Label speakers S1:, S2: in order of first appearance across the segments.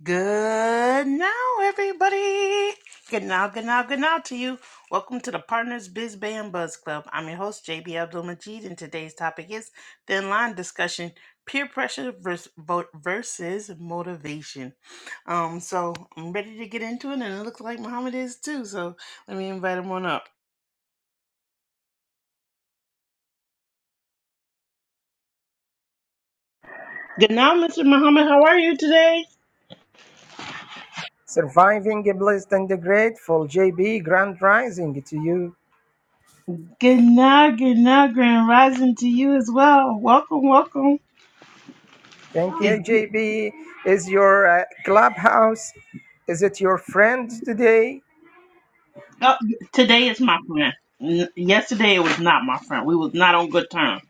S1: Good now, everybody. Good now, good now, good now to you. Welcome to the Partners Biz Band Buzz Club. I'm your host, JB Abdul Majid, and today's topic is thin line discussion peer pressure vers- versus motivation. Um, So I'm ready to get into it, and it looks like Muhammad is too. So let me invite him on up. Good now, Mr. Muhammad. How are you today?
S2: Surviving a blessed and the grateful, JB, grand rising to you.
S1: Good now, good now, Grand Rising to you as well. Welcome, welcome.
S2: Thank
S1: It's
S2: you, JB. Is your uh, clubhouse, is it your friend today?
S1: Oh, today is my friend. N- Yesterday it was not my friend. We was not on good terms.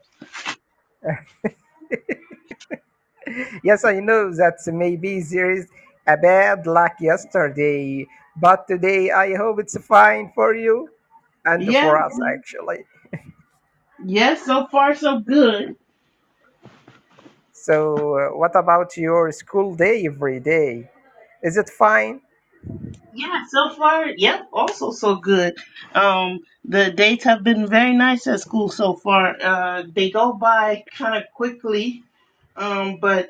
S2: Yes, I know that maybe there is a bad luck yesterday, but today I hope it's fine for you and
S1: Yeah,
S2: for us actually.
S1: yes. So far, so good.
S2: So, uh, what about your school day every day? Is it fine?
S1: Yeah, so far, yep. Also, so good. Um, the dates have been very nice at school so far. Uh, they go by kind of quickly. Um, but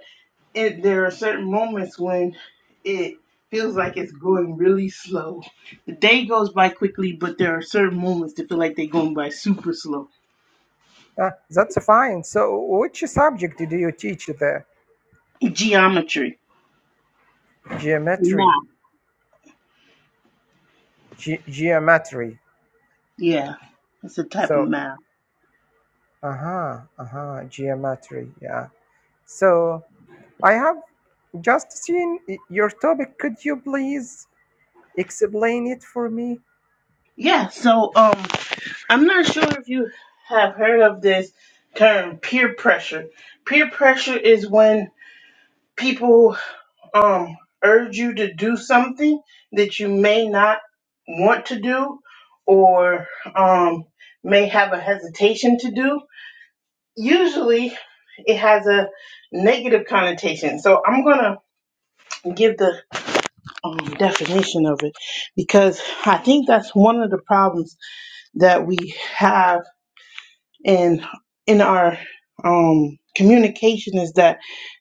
S1: it, there are certain moments when it feels like it's going really slow. The day goes by quickly, but there are certain moments that feel like they're going by super slow.
S2: Ah, that's fine. So, which subject do you teach there?
S1: Geometry. Math.
S2: Geometry. Ge- geometry.
S1: Yeah, it's a type of
S2: So,
S1: mound.
S2: uh huh, uh huh, geometry. Yeah. So, I have just seen y- your topic. Could you please explain it for me?
S1: Yeah, so um, I'm not sure if you have heard of this term peer pressure. Peer pressure is when people um urge you to do something that you may not want to do or um may have a hesitation to do. Usually it has a negative connotation. So I'm going to give the um, definition of it because I think that's one of the problems that we have in in our um, communication is that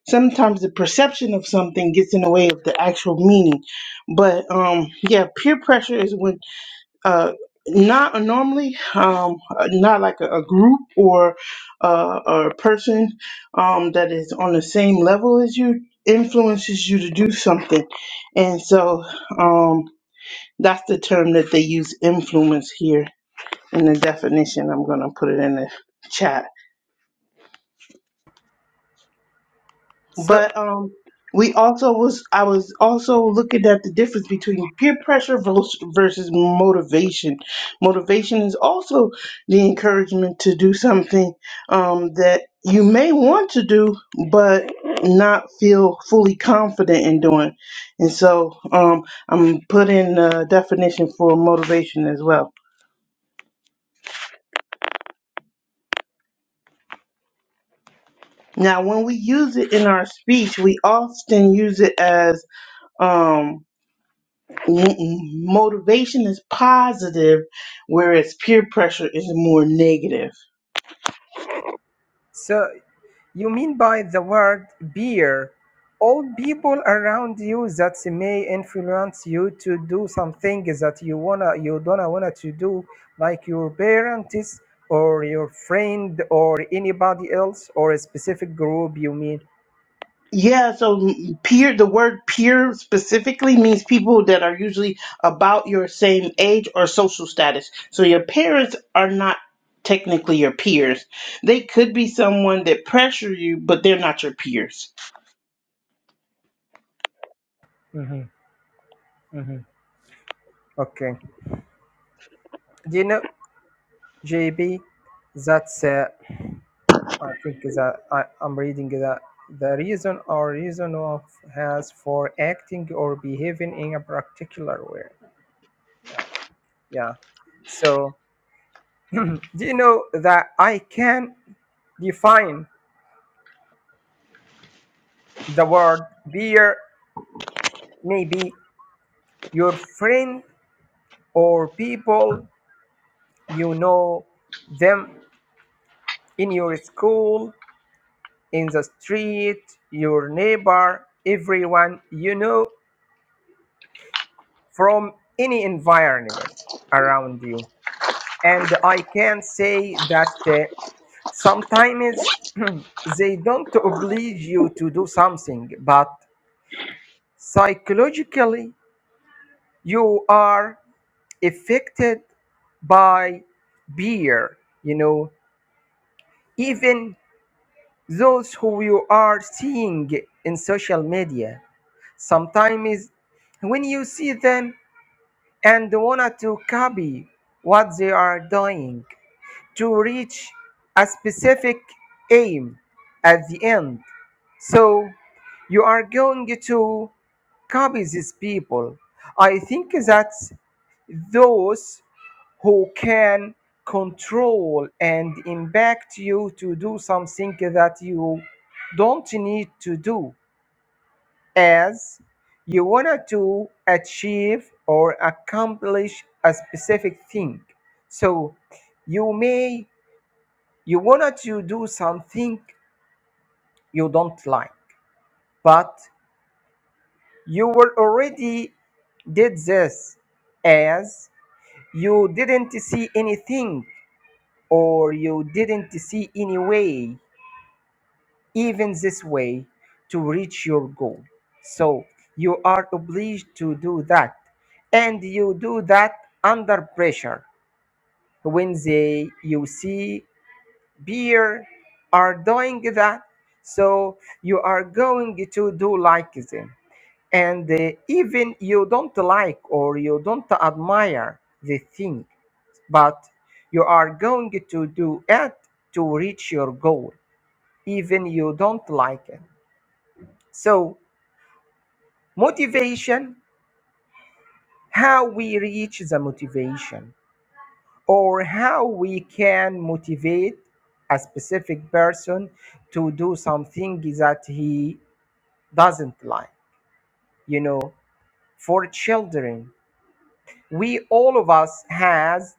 S1: sometimes the perception of something gets in the way of the actual meaning. But um, yeah, peer pressure is when uh, not normally um, not like a, a group or uh, or a person um, that is on the same level as you influences you to do something, and so um, that's the term that they use influence here in the definition. I'm gonna put it in the chat.
S2: So,
S1: But um, we also was I was also looking at the difference between peer pressure vers- versus motivation. Motivation is also the encouragement to do something um, that you may want to do, but not feel fully confident in doing. And so um, I'm putting a definition for motivation as well. Now, when we use it in our speech, we often use it as um m- m- motivation is positive whereas peer pressure is more negative
S2: so you mean by the word beer, all people around you that may influence you to do something that you wanna, you don't wanna to do, like your parents or your friend or anybody else or a specific group. You mean?
S1: yeah so peer the word peer specifically means people that are usually about your same age or social status so your parents are not technically your peers they could be someone that pressure you but they're not your peers
S2: Mm-hmm. Mhm. Okay. Do you know, JB, that's uh, I think is a, I, I'm reading that the reason or reason of has for acting or behaving in a particular way. Yeah. Yeah. So, do you know that I can define the word beer maybe your friend or people you know them in your school in the street, your neighbor, everyone you know from any environment around you. And I can say that uh, sometimes they don't oblige you to do something, but psychologically, you are affected by beer, you know, even those who you are seeing in social media sometimes when you see them and want to copy what they are doing to reach a specific aim at the end. So you are going to copy these people. I think that those who can control and impact you to do something that you don't need to do as you want to achieve or accomplish a specific thing. So you may you wanted to do something you don't like, but you were already did this as you didn't see anything or you didn't see any way even this way to reach your goal. So you are obliged to do that. And you do that under pressure. When they you see peer are doing that, so you are going to do like them. And uh, even you don't like or you don't admire the thing, but you are going to do it to reach your goal, even you don't like it. So Motivation, how we reach the motivation or how we can motivate a specific person to do something that he doesn't like. You know, for children, we all of us has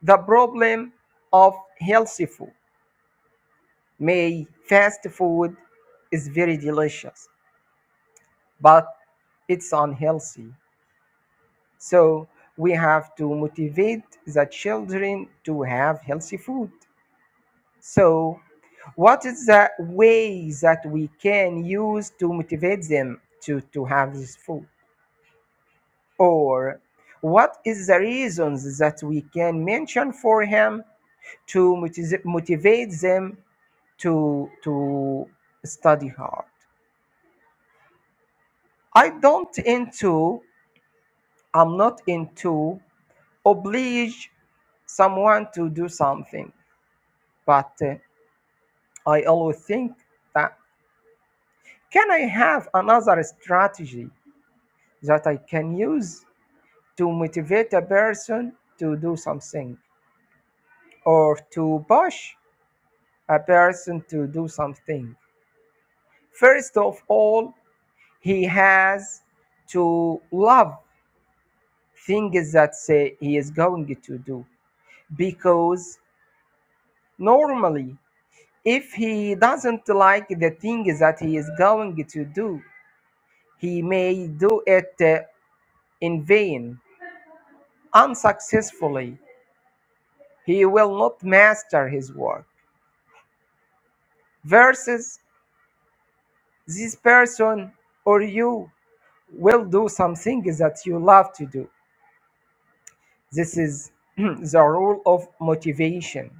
S2: the problem of healthy food. May fast food is very delicious, but it's unhealthy So we have to motivate the children to have healthy food. So, what is the ways that we can use to motivate them to, to have this food? Or what is the reasons that we can mention for him to motiv- motivate them to to study hard. I don't into I'm not into oblige someone to do something. But uh, I always think that can I have another strategy that I can use to motivate a person to do something or to push a person to do something? First of all, he has to love things that say he is going to do because normally if he doesn't like the things that he is going to do he may do it uh, in vain, unsuccessfully, he will not master his work. Versus this person or you will do something that you love to do. This is the rule of motivation.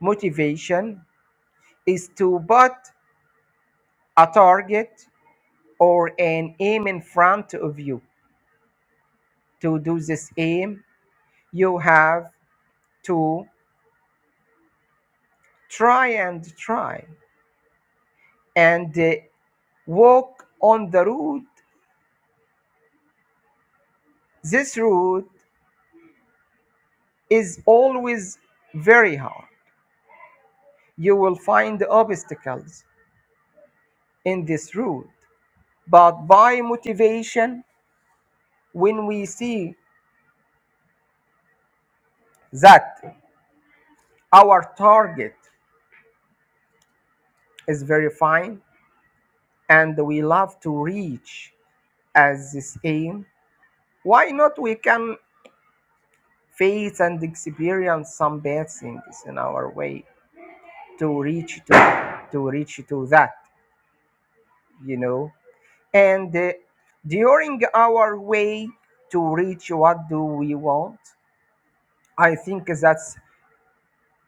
S2: Motivation is to put a target or an aim in front of you. To do this aim, you have to try and try and uh, walk on the road This route is always very hard. You will find obstacles in this route, but by motivation, when we see that our target is very fine and we love to reach as this aim, why not we can face and experience some bad things in our way to reach to, to reach to that, you know? And uh, during our way to reach what do we want, I think that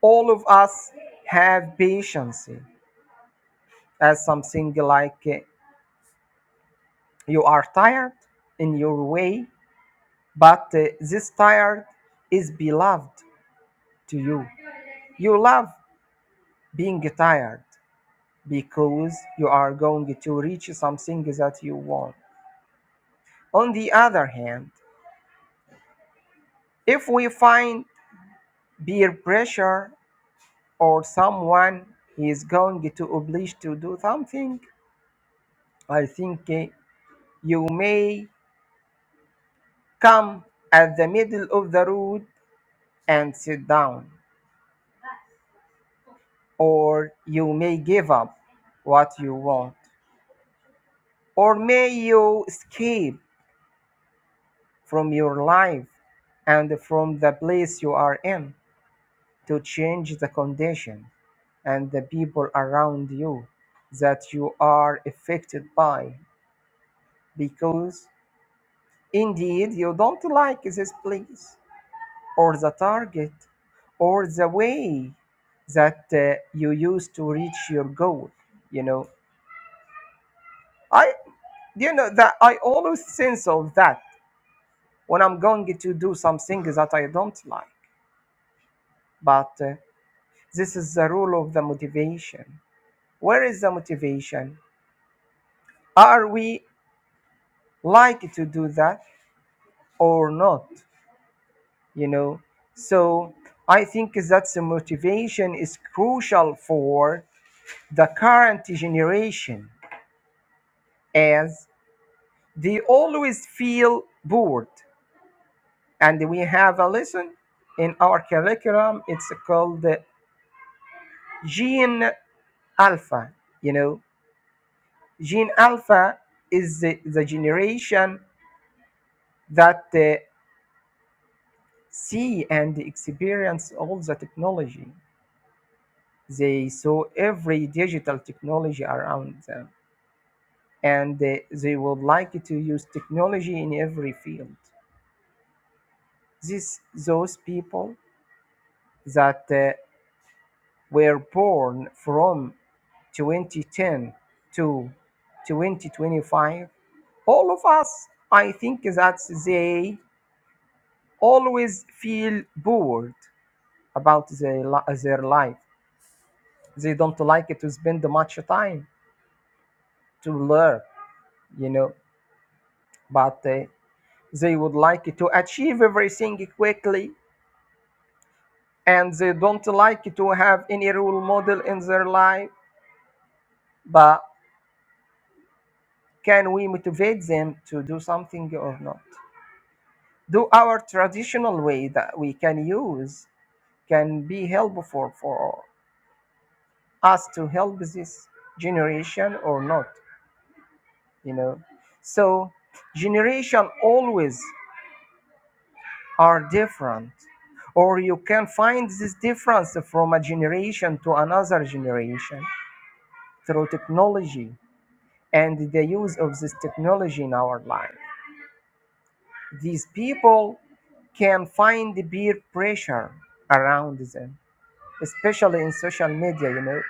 S2: all of us have patience as something like uh, you are tired in your way, but uh, this tired is beloved to you. You love being tired because you are going to reach something that you want. On the other hand, if we find peer pressure or someone he is going to oblige to do something, I think eh, you may come at the middle of the road and sit down, or you may give up what you want, or may you escape from your life and from the place you are in to change the condition and the people around you that you are affected by because Indeed, you don't like this place, or the target, or the way that uh, you use to reach your goal. You know, I, you know, that I always sense of that when I'm going to do something that I don't like. But uh, this is the rule of the motivation. Where is the motivation? Are we like to do that or not? you know so i think that the motivation is crucial for the current generation as they always feel bored and we have a lesson in our curriculum it's called the gene alpha you know gene alpha is the, the generation that uh, see and experience all the technology they saw every digital technology around them and they, they would like to use technology in every field. This, those people that uh, were born from 2010 to 2025, all of us, I think that they always feel bored about their, li- their life. They don't like to spend much time to learn, you know, but uh, they would like to achieve everything quickly and they don't like to have any role model in their life but can we motivate them to do something or not do our traditional way that we can use can be helpful for us to help this generation or not you know so generation always are different or you can find this difference from a generation to another generation through technology and the use of this technology in our life. These people can find the peer pressure around them, especially in social media, you know.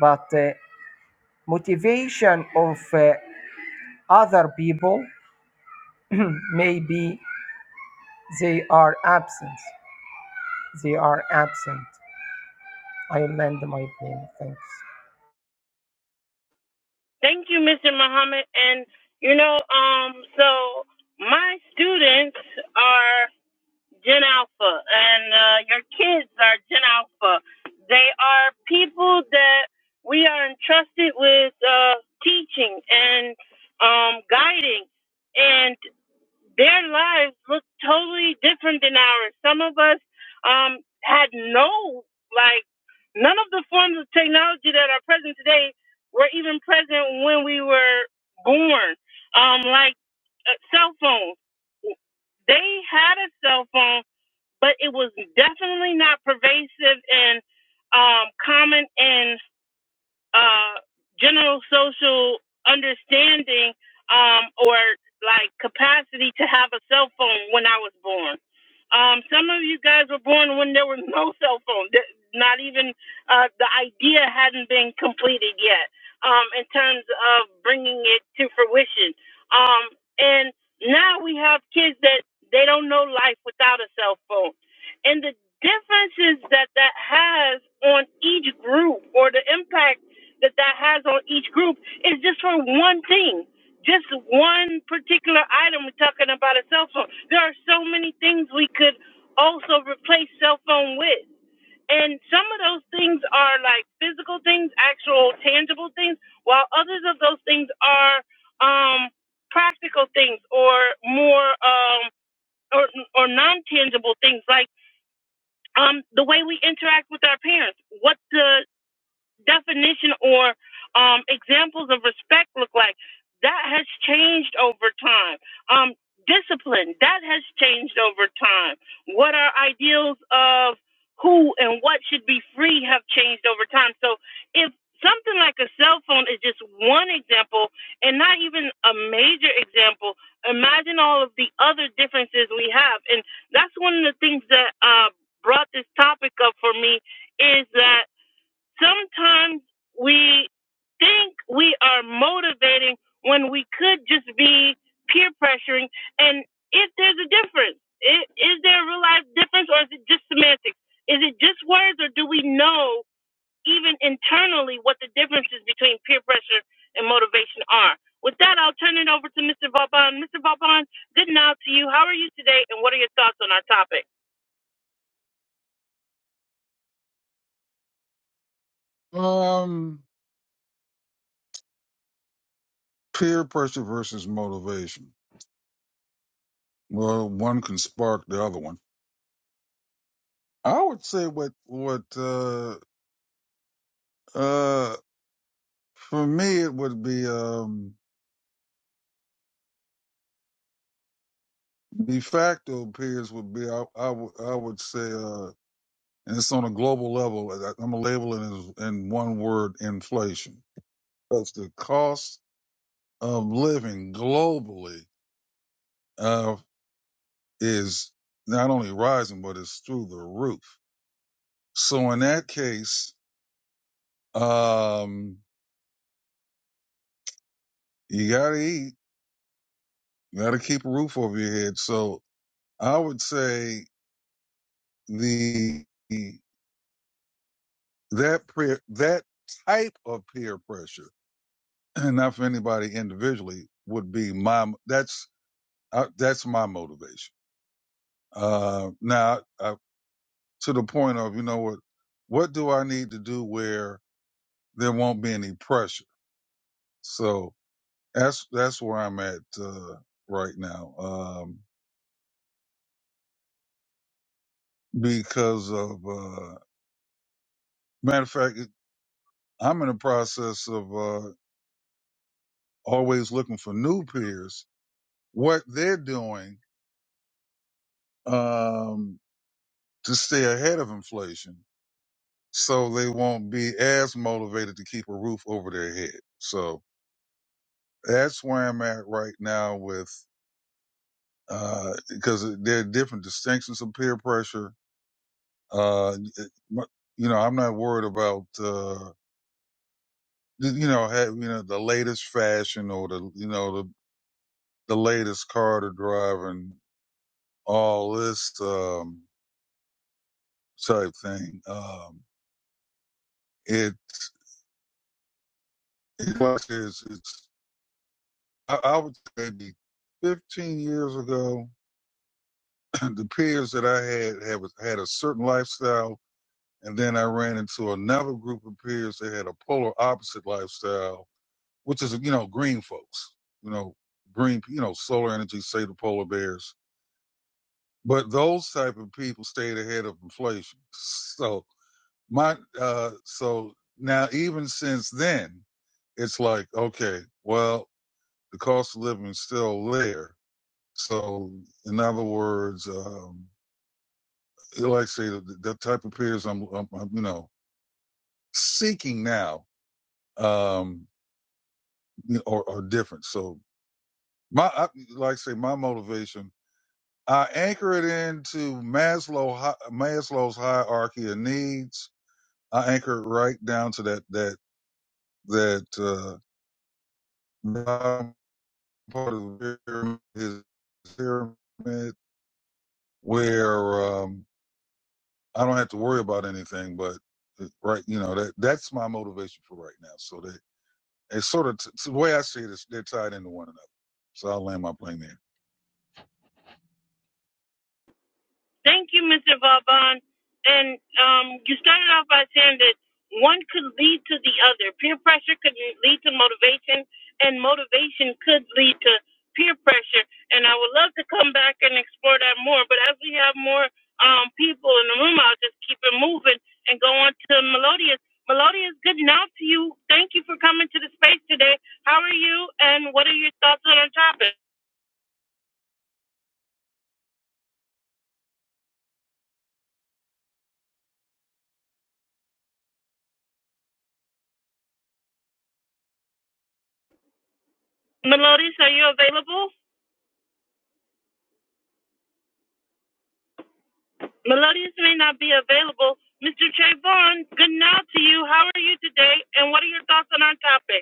S2: But uh, motivation of uh, other people maybe they are absent. They are absent. I land my plane. Thanks.
S1: Thank you, Mr. Muhammad. And you know, um, so my students are. Gen Alpha, and uh, your kids are Gen Alpha. They are people that we are entrusted with uh, teaching and um, guiding, and their lives look totally different than ours. Some of us um, had no, like, none of the forms of technology that are present today were even present when we were born, um, like uh, cell phones. They had a cell phone but it was definitely not pervasive and um, common in uh, general social understanding um, or like capacity to have a cell phone when I was born. Um, some of you guys were born when there was no cell phone. Th- Not even uh, the idea hadn't been completed yet um, in terms of bringing it to fruition. Um, and now we have kids that they don't know life without a cell phone and the differences that that has on each group or the impact that that has on each group is just for one thing just one particular item we're talking about a cell phone there are so many things we could also replace cell phone with and some of those things are like physical things actual tangible things while others of those things are um practical things or more um or, or non-tangible things like um, the way we interact with our parents, what the definition or um, examples of respect look like. That has changed over time. Um, discipline, that has changed over time. What our ideals of who and what should be free have changed over time. So if something like a cell phone is just one example and not even a major example, imagine all of the other differences we have. And that's one of the things that uh, brought this topic up for me is that sometimes we think we are motivating when we could just be peer pressuring. And if there's a difference, i- is there a real life difference or is it just semantics? Is it just words or do we know even internally what the differences between peer pressure and motivation are? With that, I'll turn it over to Mr. Vauban. Mr. Vauban, good night to you. How are you today and what are your thoughts on our topic?
S3: Um, peer pressure versus motivation. Well, one can spark the other one. I would say what what uh uh for me it would be um de facto peers would be I I would I would say uh and it's on a global level. and I- I'm gonna label it as in one word inflation. That's the cost of living globally uh is not only rising but it's through the roof. So in that case, Um, you gotta eat, you gotta keep a roof over your head. So I would say the that peer that type of peer pressure, and not for anybody individually, would be my that's uh, that's my motivation. Uh, now uh, to the point of you know what, what do I need to do where there won't be any pressure? So that's that's where I'm at uh, right now um, because of. uh. Matter of fact, I'm in the process of uh, always looking for new peers, what they're doing um, to stay ahead of inflation so they won't be as motivated to keep a roof over their head. So that's where I'm at right now with, uh, because there are different distinctions of peer pressure. Uh, it- you know, I'm not worried about, uh, you know, have, you know, the latest fashion or the, you know, the, the latest car to drive and all this um, type thing. Um, it it was it's, it's I, I would say maybe 15 years ago, the peers that I had had was- had a certain lifestyle, and then I ran into another group of peers that had a polar opposite lifestyle, which is you know green folks, you know green, you know solar energy, say the polar bears. But those type of people stayed ahead of inflation. So. my uh so now even since then it's like okay well the cost of living is still there so in other words um like I say the, the type of peers I'm, I'm, I'm you know seeking now um are, are different so my I, like I say my motivation I anchor it into Maslow Maslow's hierarchy of needs I anchor it right down to that that that uh part of the pyramid, his pyramid where um, I don't have to worry about anything. But uh, right, you know that that's my motivation for right now. So that it's sort of t- the way I see it is they're tied into one another. So I'll land my plane there.
S1: Thank you, Mr. Vauban. And um, you started off by saying that one could lead to the other. Peer pressure could lead to motivation, and motivation could lead to peer pressure. And I would love to come back and explore that more. But as we have more um, people in the room, I'll just keep it moving and go on to Melodious. Melodious, good now to you. Thank you for coming to the space today. How are you, and what are your thoughts on our topic? Melodious, are you available? Melodious may not be available. Mr. Trayvon, good now to you. How are you today? And what are your thoughts on our topic?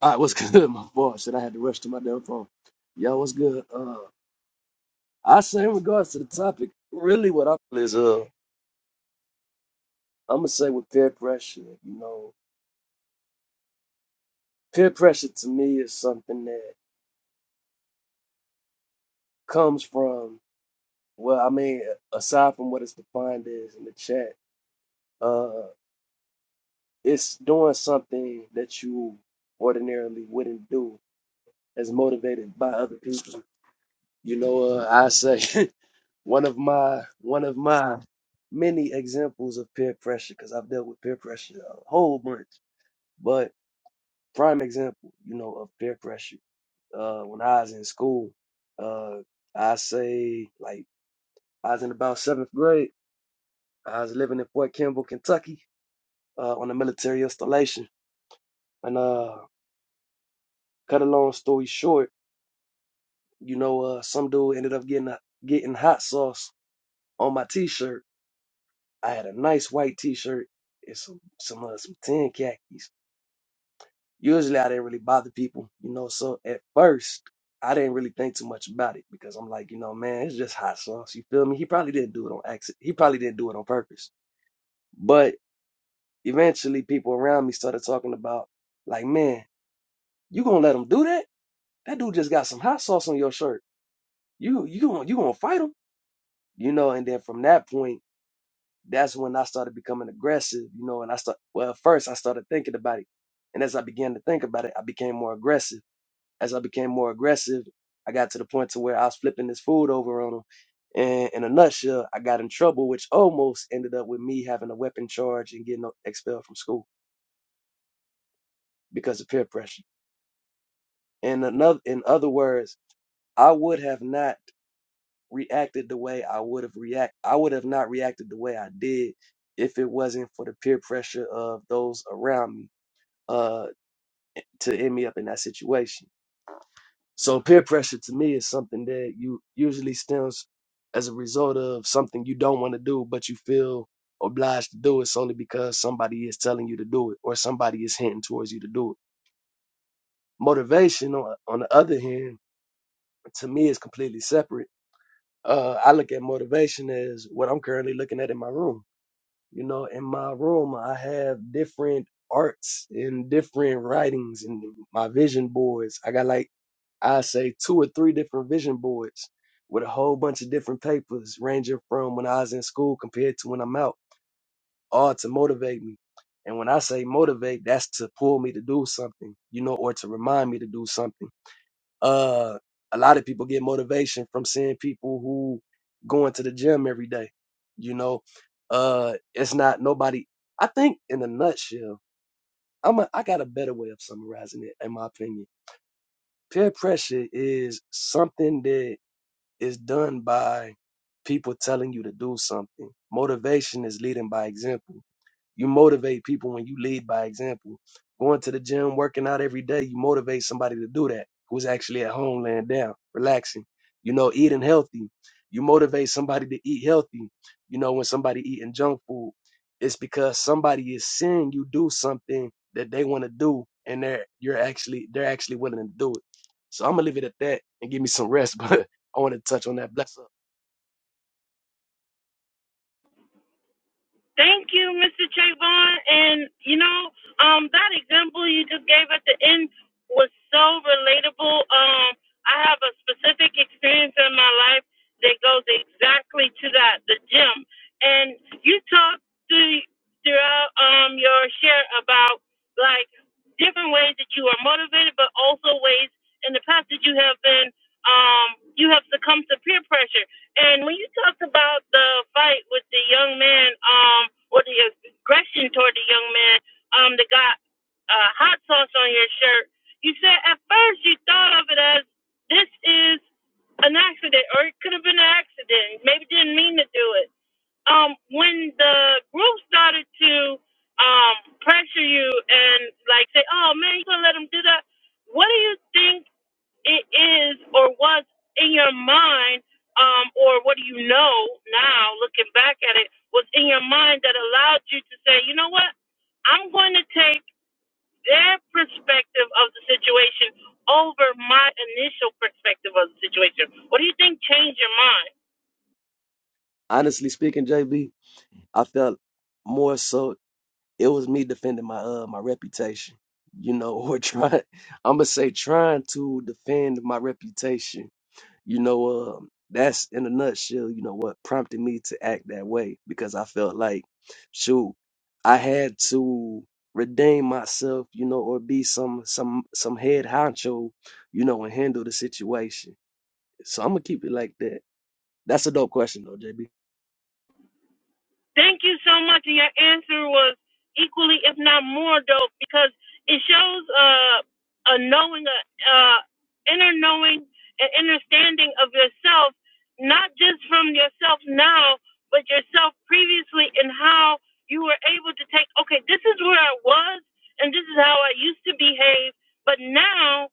S4: All right, what's good? My boss said I had to rush to my damn phone. Y'all, what's good? Uh, I say in regards to the topic, really what I feel is, uh, I'm gonna say with peer pressure, you know, peer pressure to me is something that comes from, well, I mean, aside from what it's defined as in the chat, uh, it's doing something that you ordinarily wouldn't do as motivated by other people. You know, uh, I say One of my one of my many examples of peer pressure, because I've dealt with peer pressure a whole bunch, but prime example, you know, of peer pressure. Uh, when I was in school, uh, I say like I was in about seventh grade. I was living in Fort Campbell, Kentucky, uh, on a military installation. And uh, cut a long story short, you know, uh, some dude ended up getting a, getting hot sauce on my T-shirt I had a nice white t-shirt and some some uh, some tan khakis. Usually I didn't really bother people, you know. So at first I didn't really think too much about it because I'm like, you know, man, it's just hot sauce. You feel me? He probably didn't do it on accident. He probably didn't do it on purpose. But eventually people around me started talking about like, man, you gonna let him do that? That dude just got some hot sauce on your shirt. You you gonna you gonna fight him? You know, and then from that point that's when I started becoming aggressive, you know, and I start well, first I started thinking about it. And as I began to think about it, I became more aggressive. As I became more aggressive, I got to the point to where I was flipping this food over on him. And in a nutshell, I got in trouble, which almost ended up with me having a weapon charge and getting expelled from school because of peer pressure. And another, in other words, I would have not reacted the way I would have react. I would have not reacted the way I did if it wasn't for the peer pressure of those around me uh, to end me up in that situation. So peer pressure to me is something that you usually stems as a result of something you don't want to do, but you feel obliged to do it solely because somebody is telling you to do it or somebody is hinting towards you to do it. Motivation, on, on the other hand, to me is completely separate. Uh, I look at motivation as what I'm currently looking at in my room You know, in my room, I have different arts and different writings and my vision boards. I got like, I say two or three different vision boards with a whole bunch of different papers ranging from when I was in school compared to when I'm out, all to motivate me. And when I say motivate, that's to pull me to do something, you know, or to remind me to do something uh, a lot of people get motivation from seeing people who going to the gym every day. You know, uh, it's not nobody. I think in a nutshell, I'm a, I got a better way of summarizing it, in my opinion. Peer pressure is something that is done by people telling you to do something. Motivation is leading by example you motivate people when you lead by example. Going to the gym, working out every day, you motivate somebody to do that who's actually at home laying down, relaxing. You know, eating healthy. You motivate somebody to eat healthy. You know, when somebody eating junk food, it's because somebody is seeing you do something that they want to do and they're you're actually they're actually willing to do it. So I'm gonna leave it at that and give me some rest, but I want to touch on that. Bless up.
S1: Thank you, Mr. Trayvon. And you know, um, that example you just gave at the end was so relatable. Um, I have a specific experience in my life that goes exactly to that, the gym. And you talked through throughout um your share about like different ways that you are motivated, but also ways in the past that you have been um you have succumbed to peer pressure. And when you talked about the fight with the young man, um, or the aggression toward the young man, um, that got uh, hot sauce on your shirt, you said at first you thought of it as this is an accident, or it could have been an accident. Maybe didn't mean to do it. Um, when the group started to um pressure you and like say, "Oh man, you gonna let him do that?" What do you think? it is or was in your mind, um, or what do you know now, looking back at it, was in your mind that allowed you to say, you know what, I'm going to take their perspective of the situation over my initial perspective of the situation? What do you think changed your mind?
S4: Honestly speaking, JB, I felt more so it was me defending my uh my reputation, you know, or trying I'm gonna say trying to defend my reputation, you know. Um, that's in a nutshell, you know, what prompted me to act that way because I felt like, shoot, I had to redeem myself, you know, or be some some some head honcho, you know, and handle the situation. So I'm gonna keep it like that. That's a dope question though, JB.
S1: Thank you so much. And your answer was equally, if not more, dope because it shows uh, a knowing, a uh, inner knowing, and understanding of yourself, not just from yourself now, but yourself previously, and how you were able to take, okay, this is where I was, and this is how I used to behave, but now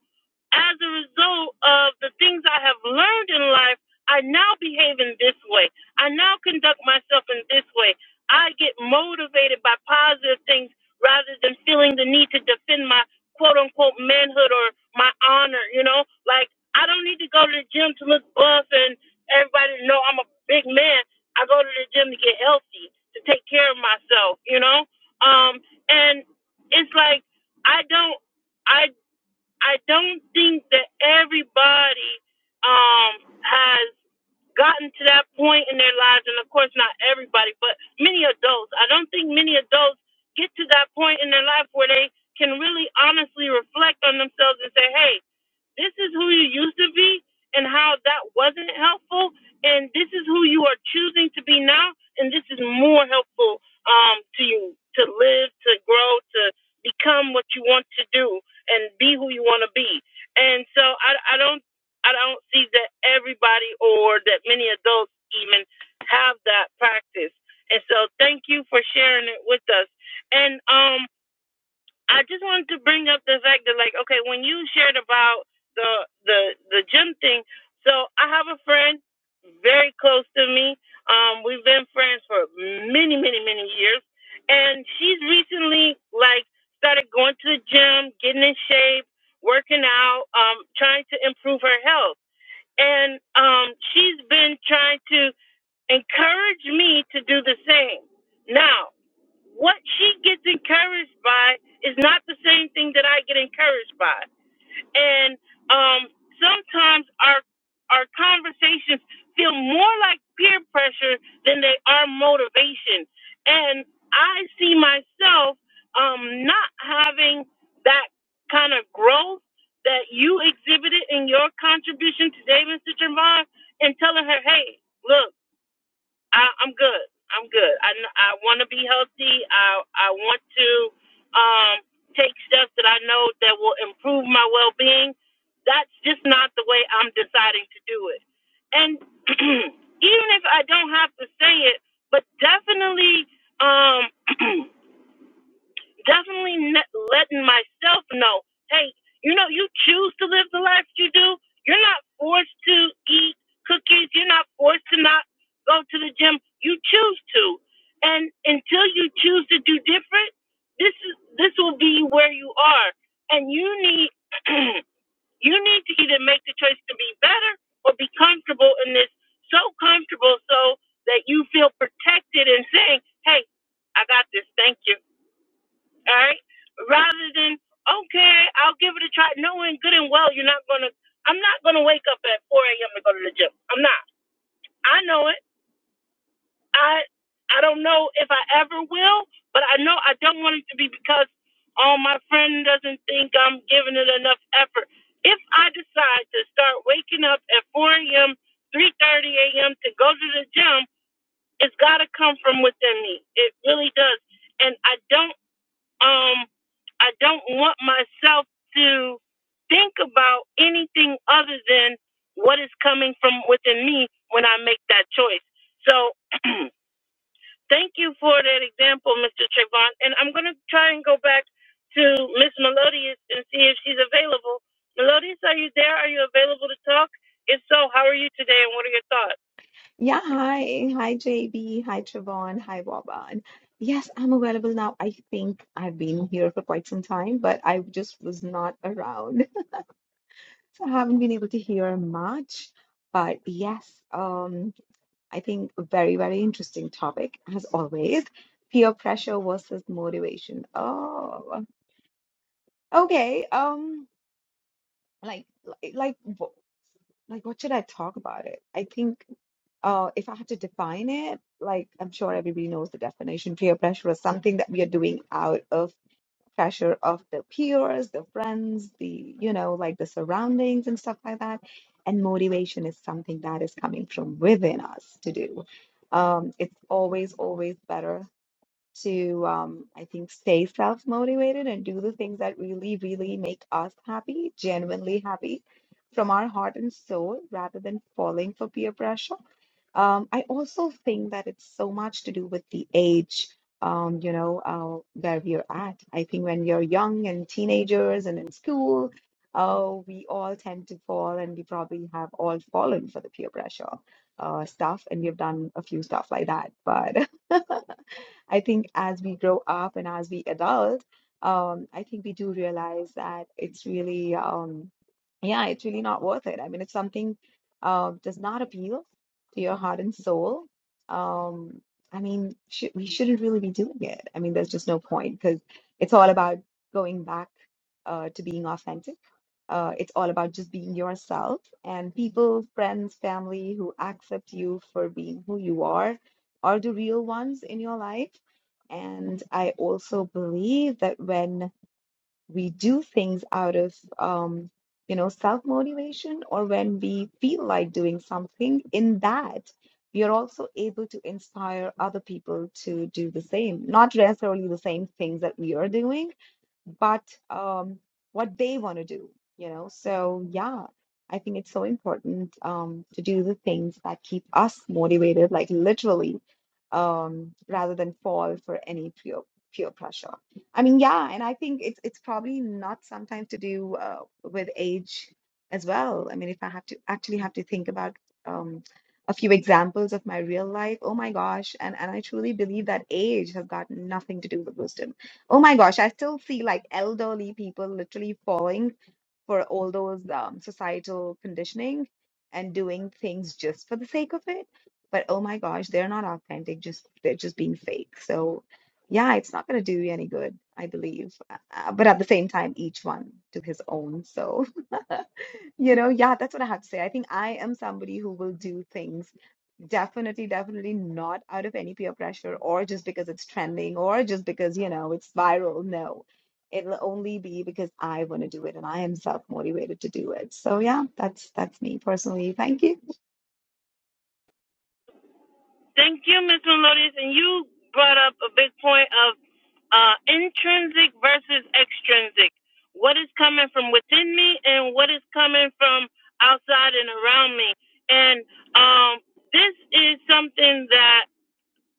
S1: as a result of the things I have learned in life, I now behave in this way. I now conduct myself in this way. I get motivated by positive things rather than feeling the need to defend my quote unquote manhood or my honor, you know? Like, I don't need to go to the gym to look buff and everybody to know I'm a big man. I go to the gym to get healthy, to take care of myself, you know? Um, and it's like, I don't, I, I don't think that everybody, um, has gotten to that point in their lives, and of course, not everybody, but many adults. I don't think many adults get to that point in their life where they can really honestly reflect on themselves and say, hey, this is who you used to be and how that wasn't helpful, and this is who you are choosing to be now, and this is more helpful um, to you to live, to grow, to become what you want to do, and be who you want to be. And so I, I don't I don't see that everybody or that many adults even have that practice. And so thank you for sharing it with us. And um I just wanted to bring up the fact that like okay, when you shared about the the the gym thing, so I have a friend very close to me. Um we've been friends for many many many years and she's recently like started going to the gym, getting in shape, working out, um trying to improve her health and um, she's been trying to encourage me to do the same. Now, what she gets encouraged by is not the same thing that I get encouraged by and um, sometimes our our conversations feel more like peer pressure than they are motivation. And I see myself um, not having that kind of growth that you exhibited in your contribution today, Mr. Trevon, and telling her, "Hey, look." I, I'm good. I'm good. I, I want to be healthy. I I want to um, take steps that I know that will improve my well being. That's just not the way I'm deciding to do it. And even if I don't have to say it, but definitely, um, definitely not letting myself know, hey, you know, you choose to live the life you do. You're not forced to eat cookies. You're not forced to not go to the gym. You choose to. And until you choose to do different, this is this will be where you are. And you need you need to either make the choice to be better or be comfortable in this so comfortable so that you feel protected and saying, Hey, I got this, thank you all right? Rather than, okay, I'll give it a try, knowing good and well you're not gonna, I'm not gonna wake up at 4 a.m. to go to the gym. I'm not. I know it. I, I don't know if I ever will, but I know I don't want it to be because, oh, my friend doesn't think I'm giving it enough effort. If I decide to start waking up at 4 a.m., 3:30 a.m. to go to the gym, it's gotta come from within me. It really does, and I don't um I don't want myself to think about anything other than what is coming from within me when I make that choice. So thank you for that example, Mr. Trayvon. And I'm gonna try and go back to Miss Melodious and see if she's available. Melodious, are you there? Are you available to talk? If so, how are you today and what are your thoughts?
S5: Yeah, hi. Hi, JB. Hi, Trevon. Hi, Vaban. Yes, I'm available now. I think I've been here for quite some time, but I just was not around. So I haven't been able to hear much. But yes, um, I think a very, very interesting topic as always. Peer pressure versus motivation. Oh, okay. Um, like, like, like, wh- like, what should I talk about it? I think. Uh, if I had to define it, like I'm sure everybody knows the definition, peer pressure is something that we are doing out of pressure of the peers, the friends, the, you know, like the surroundings and stuff like that. And motivation is something that is coming from within us to do. Um, it's always, always better to, um, I think, stay self-motivated and do the things that really, really make us happy, genuinely happy from our heart and soul, rather than falling for peer pressure um, I also think that it's so much to do with the age, um, you know, uh, where we're at. I think when we are young and teenagers and in school, uh, we all tend to fall, and we probably have all fallen for the peer pressure uh, stuff, and we've done a few stuff like that. But I think as we grow up and as we adult, um, I think we do realize that it's really, um, yeah, it's really not worth it. I mean, if something uh, does not appeal to your heart and soul, um, I mean, sh we shouldn't really be doing it. I mean, there's just no point because it's all about going back uh, to being authentic. Uh, it's all about just being yourself and people, friends, family who accept you for being who you are are the real ones in your life. And I also believe that when we do things out of, um, you know, self-motivation or when we feel like doing something, in that, we are also able to inspire other people to do the same, not necessarily the same things that we are doing but um, what they want to do, you know. So yeah, I think it's so important um, to do the things that keep us motivated, like literally, um, rather than fall for any peer peer pressure. I mean, yeah, and I think it's it's probably not sometimes to do uh, with age as well. I mean, if I have to actually have to think about um, a few examples of my real life, oh my gosh, and and I truly believe that age has got nothing to do with wisdom Oh my gosh, I still see like elderly people literally falling for all those um, societal conditioning and doing things just for the sake of it. But oh my gosh, they're not authentic, just they're just being fake. So yeah, it's not going to do you any good, I believe. Uh, uh, but at the same time, each one to his own. So, you know, yeah, that's what I have to say. I think I am somebody who will do things Definitely, definitely not out of any peer pressure or just because it's trending or just because, you know, it's viral. No, it'll only be because I want to do it and I am self-motivated to do it. So yeah, that's that's me personally. Thank you.
S1: Thank you, Ms. Melodious. And you brought up a big point of uh, intrinsic versus extrinsic. What is coming from within me and what is coming from outside and around me. And um, this is something that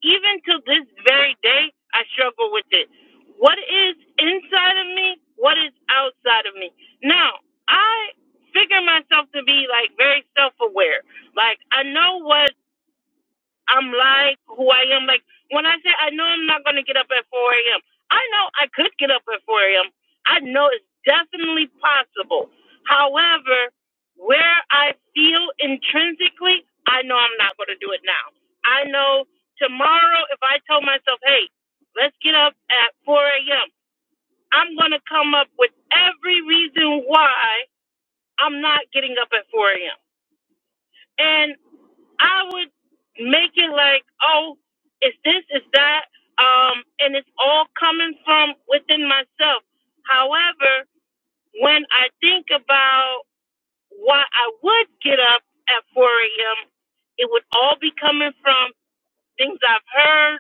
S1: even to this very day, I struggle with it. What is inside of me? What is outside of me? Now, I figure myself to be like very self aware. Like, I know what I'm like who I am. Like when I say I know I'm not going to get up at 4 a.m., I know I could get up at 4 a.m. I know it's definitely possible. However, where I feel intrinsically, I know I'm not going to do it now. I know tomorrow, if I told myself, hey, let's get up at 4 a.m., I'm going to come up with every reason why I'm not getting up at 4 a.m. and I would make it like, oh, it's this, it's that, um, and it's all coming from within myself. However, when I think about why I would get up at 4 a.m., it would all be coming from things I've heard,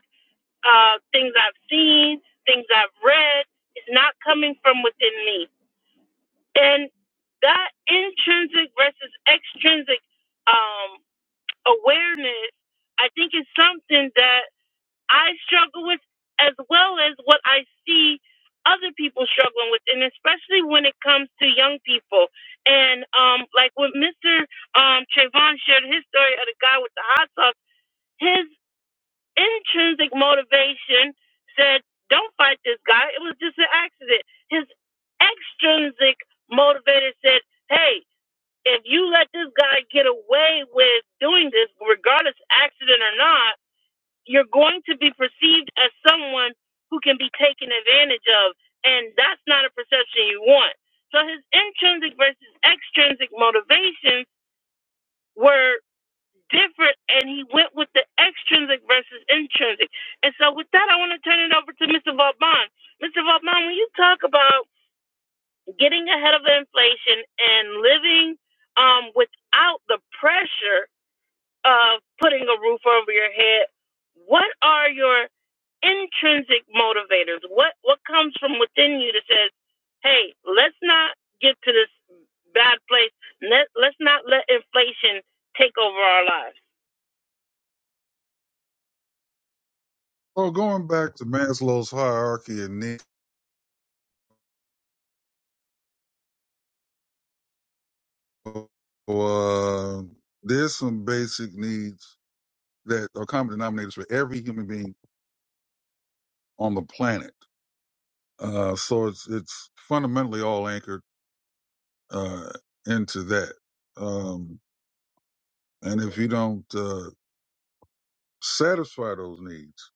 S1: uh, things I've seen, things I've read. It's not coming from within me. And that intrinsic versus extrinsic um, awareness, I think is something that I struggle with as well as what I see other people struggling with, and especially when it comes to young people. And um, like when Mr. Um, Trayvon shared his story of the guy with the hot sauce, his intrinsic motivation said, don't fight this guy. It was just an accident. His extrinsic motivator said, hey, if you let this guy get away with doing this, regardless accident or not, you're going to be perceived as someone who can be taken advantage of, and that's not a perception you want. So his intrinsic versus extrinsic motivations were different, and he went with the extrinsic versus intrinsic. And so with that, I want to turn it over to Mr. Vauban. Mr. Vauban, when you talk about getting ahead of inflation and living um, without the pressure of putting a roof over your head, what are your intrinsic motivators? What what comes from within you that says, "Hey, let's not get to this bad place. Let let's not let inflation take over our lives."
S3: Well, going back to Maslow's hierarchy and needs, uh, there's some basic needs that are common denominators for every human being on the planet. Uh, so it's it's fundamentally all anchored uh, into that. Um, and if you don't uh, satisfy those needs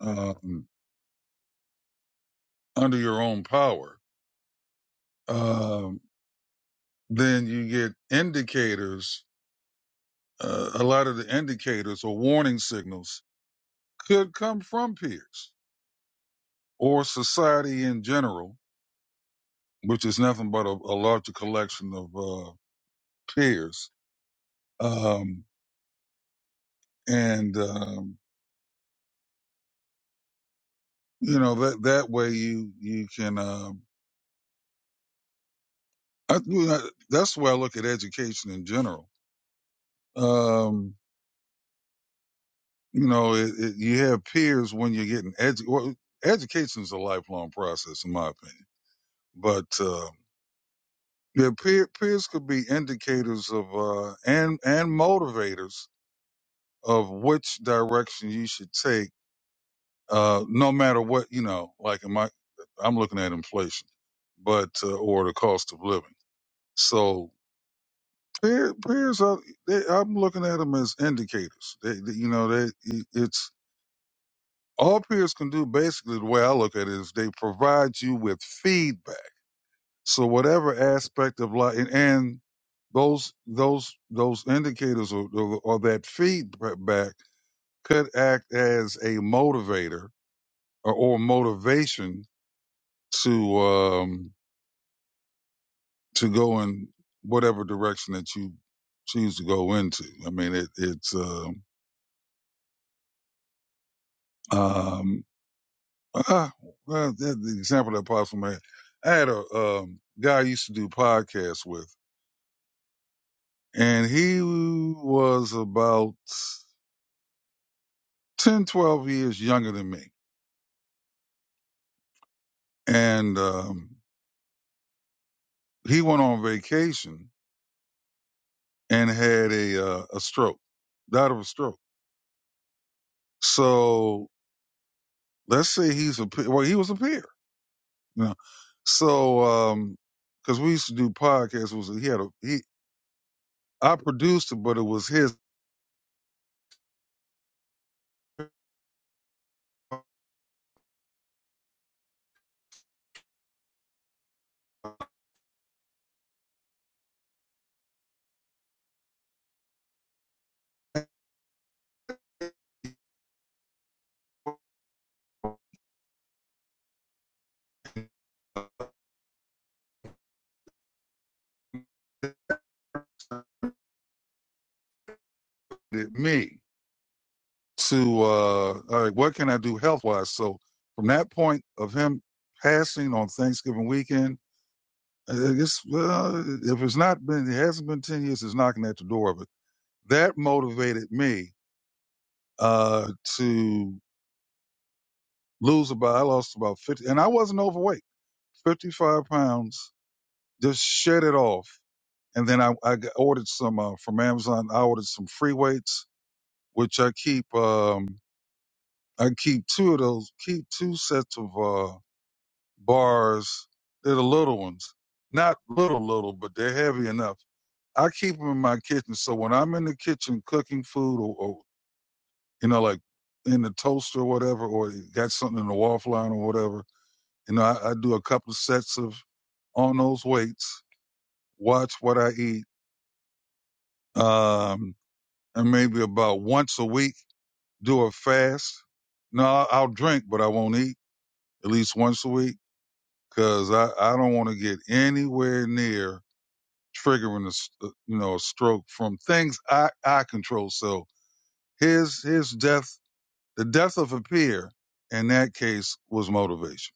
S3: um, under your own power, um, then you get indicators. Uh, a lot of the indicators or warning signals could come from peers or society in general, which is nothing but a, a larger collection of uh, peers. Um, and um, you know that that way you you can. Uh, I, you know, that's the way I look at education in general. Um, you know, it, it, you have peers when you're getting edu- well, education is a lifelong process, in my opinion. But uh, yeah, peer, peers could be indicators of uh, and and motivators of which direction you should take, uh, no matter what you know. Like in my, I'm looking at inflation, but uh, or the cost of living. So Peer, peers are. They, I'm looking at them as indicators. They, they- you know, they it's all peers can do. Basically, the way I look at it is they provide you with feedback. So whatever aspect of life, and, and those those those indicators or, or, or that feedback could act as a motivator or, or motivation to um to go in whatever direction that you choose to go into. I mean, it, it's. um um, Uh, well, that, the example that pops in my head. I had a um, guy I used to do podcasts with, and he was about 10, 12 years younger than me. And um, he went on vacation and had a uh, a stroke, died of a stroke. So let's say he's a pe- well, he was a peer, you know. So um 'cause because we used to do podcasts, it was he had a he I produced it, but it was his, it me. to uh, all right, what can I do health wise? So from that point of him passing on Thanksgiving weekend, I guess well, if it's not been, it hasn't been ten years. It's knocking at the door of it. That motivated me uh, to lose about. I lost about fifty, and I wasn't overweight. Fifty-five pounds. Just shed it off, and then I, I got- ordered some uh, from Amazon. I ordered some free weights, which I keep. Um, I keep two of those. Keep two sets of. uh, bars. They're the little ones, not little little, but they're heavy enough. I keep them in my kitchen, so when I'm in the kitchen cooking food, or, or you know, like in the toaster or whatever, or got something in the waffle line or whatever, you know, I, I do a couple of sets of on those weights, watch what I eat, um, and maybe about once a week do a fast. No, I- I'll drink, but I won't eat at least once a week because I, I don't want to get anywhere near triggering a s- uh, you know a stroke from things I I control. So his his death, the death of a peer, in that case was motivation.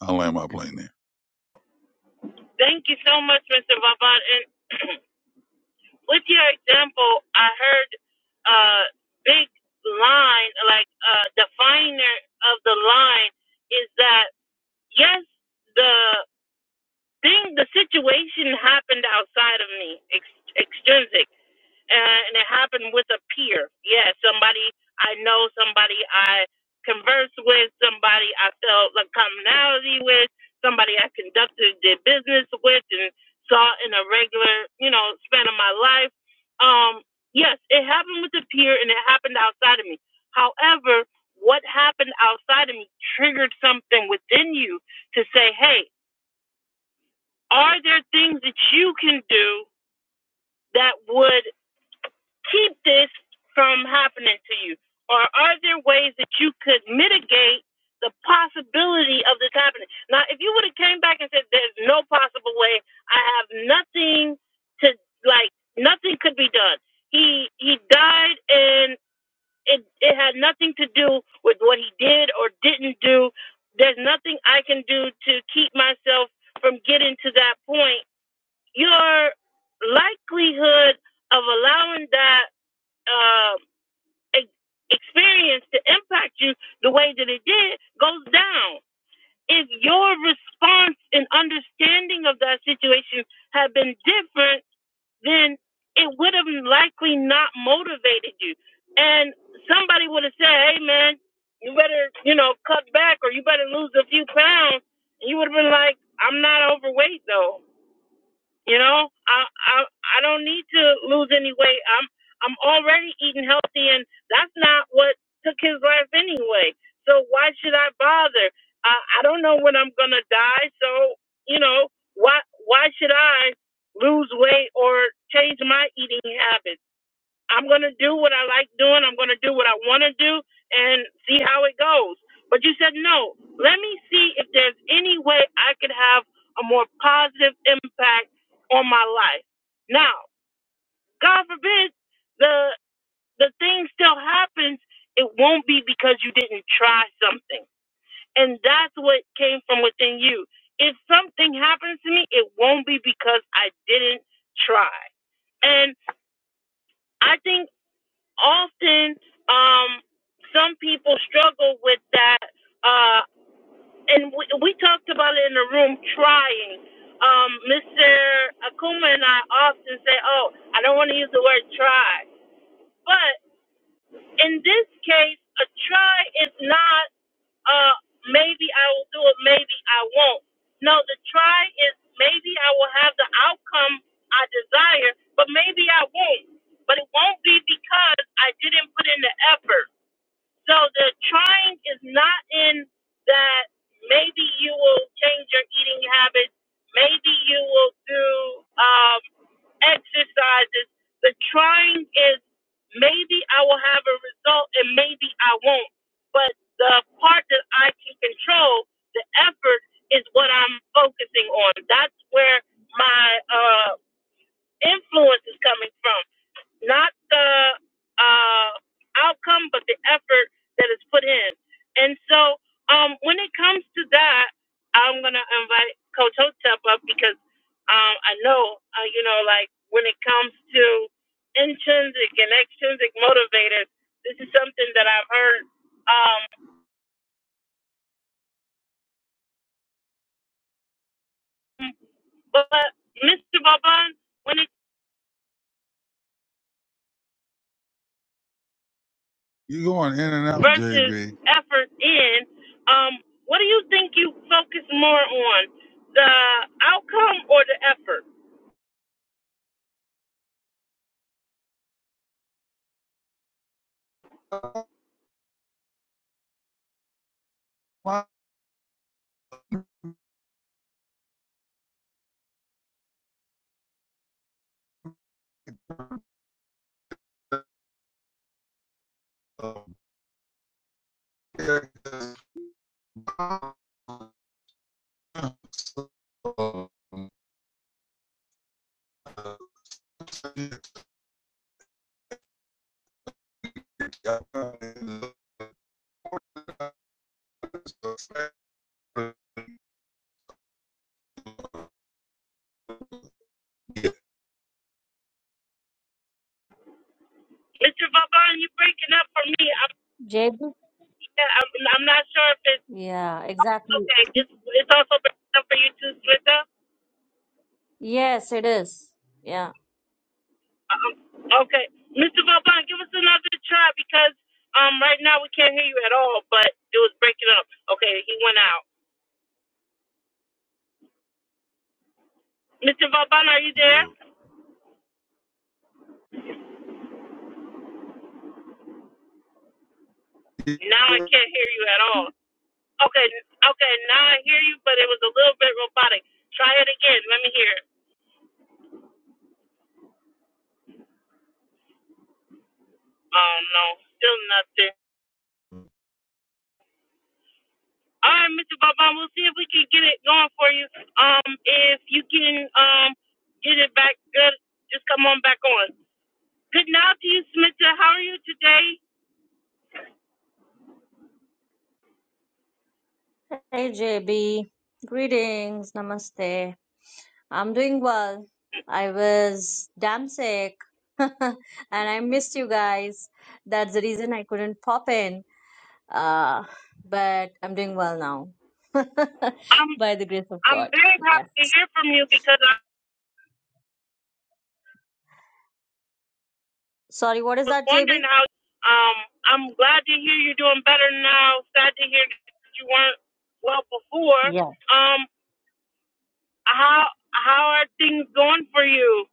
S3: I land my plane there.
S1: Thank you so much, Mr. Vavan. And with your example, I heard a uh, big line, like a uh, definer of the line, is that yes, the thing, the situation happened outside of me, ex- extrinsic, uh, and it happened with a peer. Yeah, somebody I know, somebody I converse with, somebody I felt like commonality with, somebody I conducted did business with, and saw in a regular, you know, span of my life. Um, yes, it happened with a peer, and it happened outside of me. However, what happened outside of me triggered something within you to say, "Hey." Are there things that you can do that would keep this from happening to you? Or are there ways that you could mitigate the possibility of this happening? Now, if you would have came back and said, there's no possible way, I have nothing to, like, nothing could be done. He, he died and it, it had nothing to do with what he did or didn't do. There's nothing I can do to keep myself from getting to that point your likelihood of allowing that uh, ex- experience to impact you the way that it did goes down. If your response and understanding of that situation had been different, then it would have likely not motivated you. And somebody would have said, hey, man, you better, you know, cut back or you better lose a few pounds. And you would have been like, I'm not overweight, though you know, I I I don't need to lose any weight. I'm I'm already eating healthy, and that's not what took his life anyway. So why should I bother? I I don't know when I'm gonna die, so you know why why should I lose weight or change my eating habits? I'm gonna do what I like doing. I'm gonna do what I want to do and see how it goes. But you said no. Let me see if there's any way I could have a more positive impact on my life. Now, God forbid the the thing still happens. It won't be because you didn't try something, and that's what came from within you. If something happens to me, it won't be because I didn't try. And I think often um, some people struggle with that. Uh, and we, we talked about it in the room trying. Um, Mr. Akuma and I often say, oh, I don't want to use the word try. But in this case, a try is not uh, maybe I will do it, maybe I won't. No, the try is maybe I will have the outcome I desire, but maybe I won't. But it won't be because I didn't put in the effort so the trying is not in that maybe you will change your eating habits, maybe you will do um, exercises. The trying is maybe I will have a result and maybe I won't. But the part that I can control, the effort, is what I'm focusing on. That's where my uh, influence is coming from not the uh, outcome, but the effort that is put in. And so, um, when it comes to that, I'm gonna invite Coach Hotep up because um, I know, uh, you know, like when it comes to intrinsic and extrinsic motivators, this is something that I've heard. Um, but Mr. when it
S3: You going in and out,
S1: versus
S3: JB?
S1: effort in, um, what do you think you focus more on, the outcome or the effort?
S3: My, uh,
S1: Mr. Vavon, you breaking up for me. I'm,
S6: JB?
S1: yeah, I'm, I'm not sure if it's
S6: Yeah, exactly.
S1: okay. It's it's also breaking up for you too, Smitha.
S6: Yes, it is. Yeah.
S1: Um, okay, Mr. Vavon, give us another try because um right now we can't hear you at all, but it was breaking up. Okay, he went out. Mr. Vavon, are you there? Now I can't hear you at all. Okay, okay, now I hear you, but it was a little bit robotic. Try it again. Let me hear it. Oh no, still nothing. All right, Mr. Bobon, we'll see if we can get it going for you. Um, if you can um get it back good, just come on back on. Good night to you, Smita. How are you today?
S6: Hey, JB. Greetings. Namaste. I'm doing well. I was damn sick and I missed you guys. That's the reason I couldn't pop in. Uh, but I'm doing well now
S1: I'm
S6: by the grace of
S1: I'm
S6: God.
S1: very
S6: Yes.
S1: happy to hear from you because I
S6: Sorry, what is
S1: was
S6: that,
S1: wondering
S6: JB?
S1: how. Um, I'm glad to hear you're doing better now. Sad to hear that you weren't well before.
S6: Yeah.
S1: Um. How how are things going for you?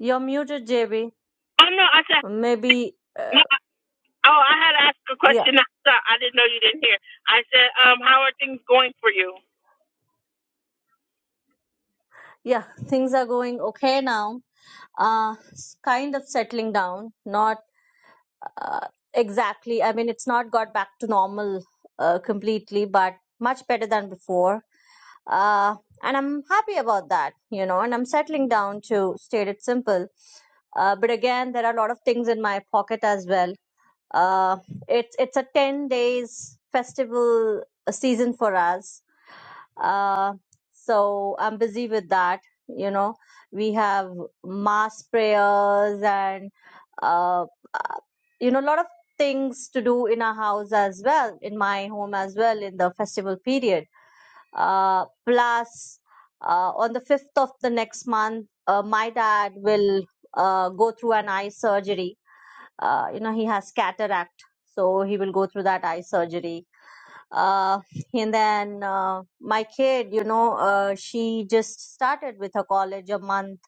S6: You're muted, JB.
S1: Oh no, I said
S6: Maybe, uh,
S1: no. Oh, I had to ask a
S6: yeah,
S1: question. I, thought- I didn't know you didn't hear. I said, um, how are things going for you?
S6: yeah, things are going okay now uh, s- kind of settling down. Not uh, exactly. I mean, it's not got back to normal uh, completely, but much better than before. Uh, and I'm happy about that, you know. And I'm settling down to state it simple. Uh, but again, there are a lot of things in my pocket as well. Uh, it's it's a ten days festival uh, season for us, uh, so I'm busy with that. You know, we have mass prayers and, uh, uh, you know, a lot of things to do in our house as well, in my home as well, in the festival period. Uh, plus, uh, on the 5th of the next month, uh, my dad will uh, go through an eye surgery. Uh, you know, he has cataract, so he will go through that eye surgery uh, and then uh, my kid you know uh, she just started with her college a month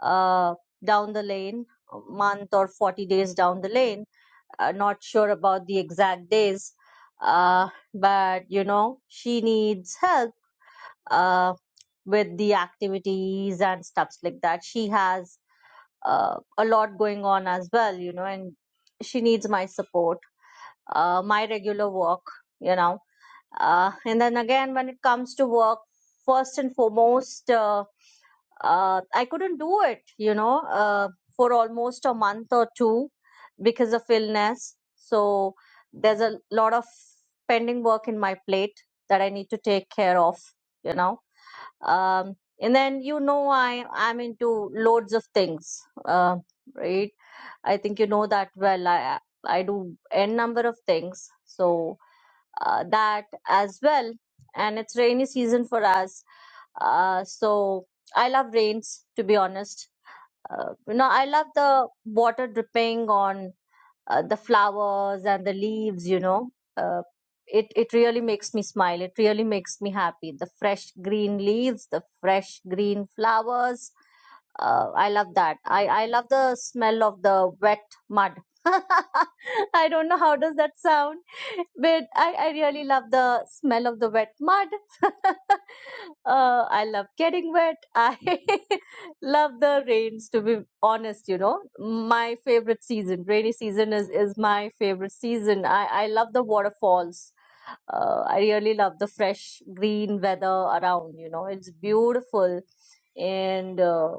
S6: uh, down the lane a month or 40 days down the lane uh, not sure about the exact days uh, but you know she needs help uh, with the activities and stuffs like that she has uh, a lot going on as well you know and she needs my support uh, my regular work you know uh, and then again, when it comes to work, first and foremost, uh, uh, I couldn't do it, you know, uh, for almost a month or two because of illness. So there's a lot of pending work in my plate that I need to take care of, you know. Um, and then you know I I'm into loads of things, uh, right? I think you know that well. I I do n number of things, so uh, that as well. And it's rainy season for us. Uh, so I love rains, to be honest. Uh, you know, I love the water dripping on uh, the flowers and the leaves you know uh, it it really makes me smile it really makes me happy the fresh green leaves the fresh green flowers uh, i love that i i love the smell of the wet mud i don't know how does that sound but i i really love the smell of the wet mud uh, i love getting wet i Love the rains, to be honest, you know. My favorite season, rainy season is is my favorite season. I I love the waterfalls uh, I really love the fresh green weather around. You know, it's beautiful, and uh,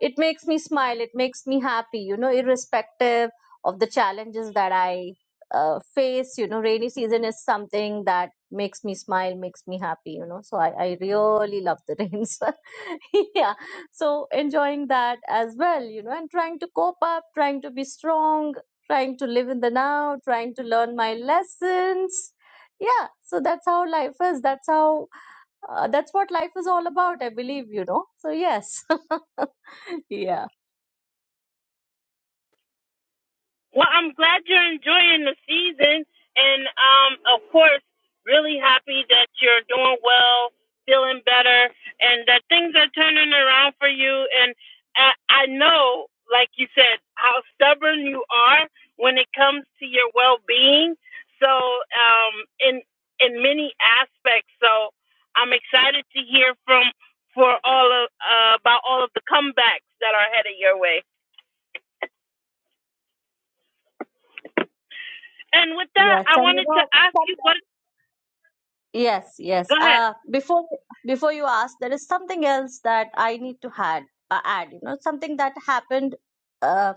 S6: it makes me smile. It makes me happy. You know, irrespective of the challenges that I uh, face. You know, rainy season is something that makes me smile, makes me happy. You know, so I, I really love the rains. yeah, so enjoying that as well. You know, and trying to cope up, trying to be strong. Trying to live in the now, trying to learn my lessons, yeah so that's how life is that's how uh, that's what life is all about i believe you know so yes yeah
S1: Well, I'm glad you're enjoying the season, and um, of course, really happy that you're doing well, feeling better, and that things are turning around for you. And I, I know, like you said, how stubborn you are when it comes to your well-being. So, um, in in many aspects. So, I'm excited to hear from for all of uh, about all of the comebacks that are headed your way. And with that,
S6: yes
S1: I
S6: and you
S1: wanted to
S6: know
S1: ask you
S6: sometimes
S1: what
S6: Yes, yes.
S1: Go ahead.
S6: Uh, before before you ask, there is something else that I need to add. Uh, add, you know, something that happened uh,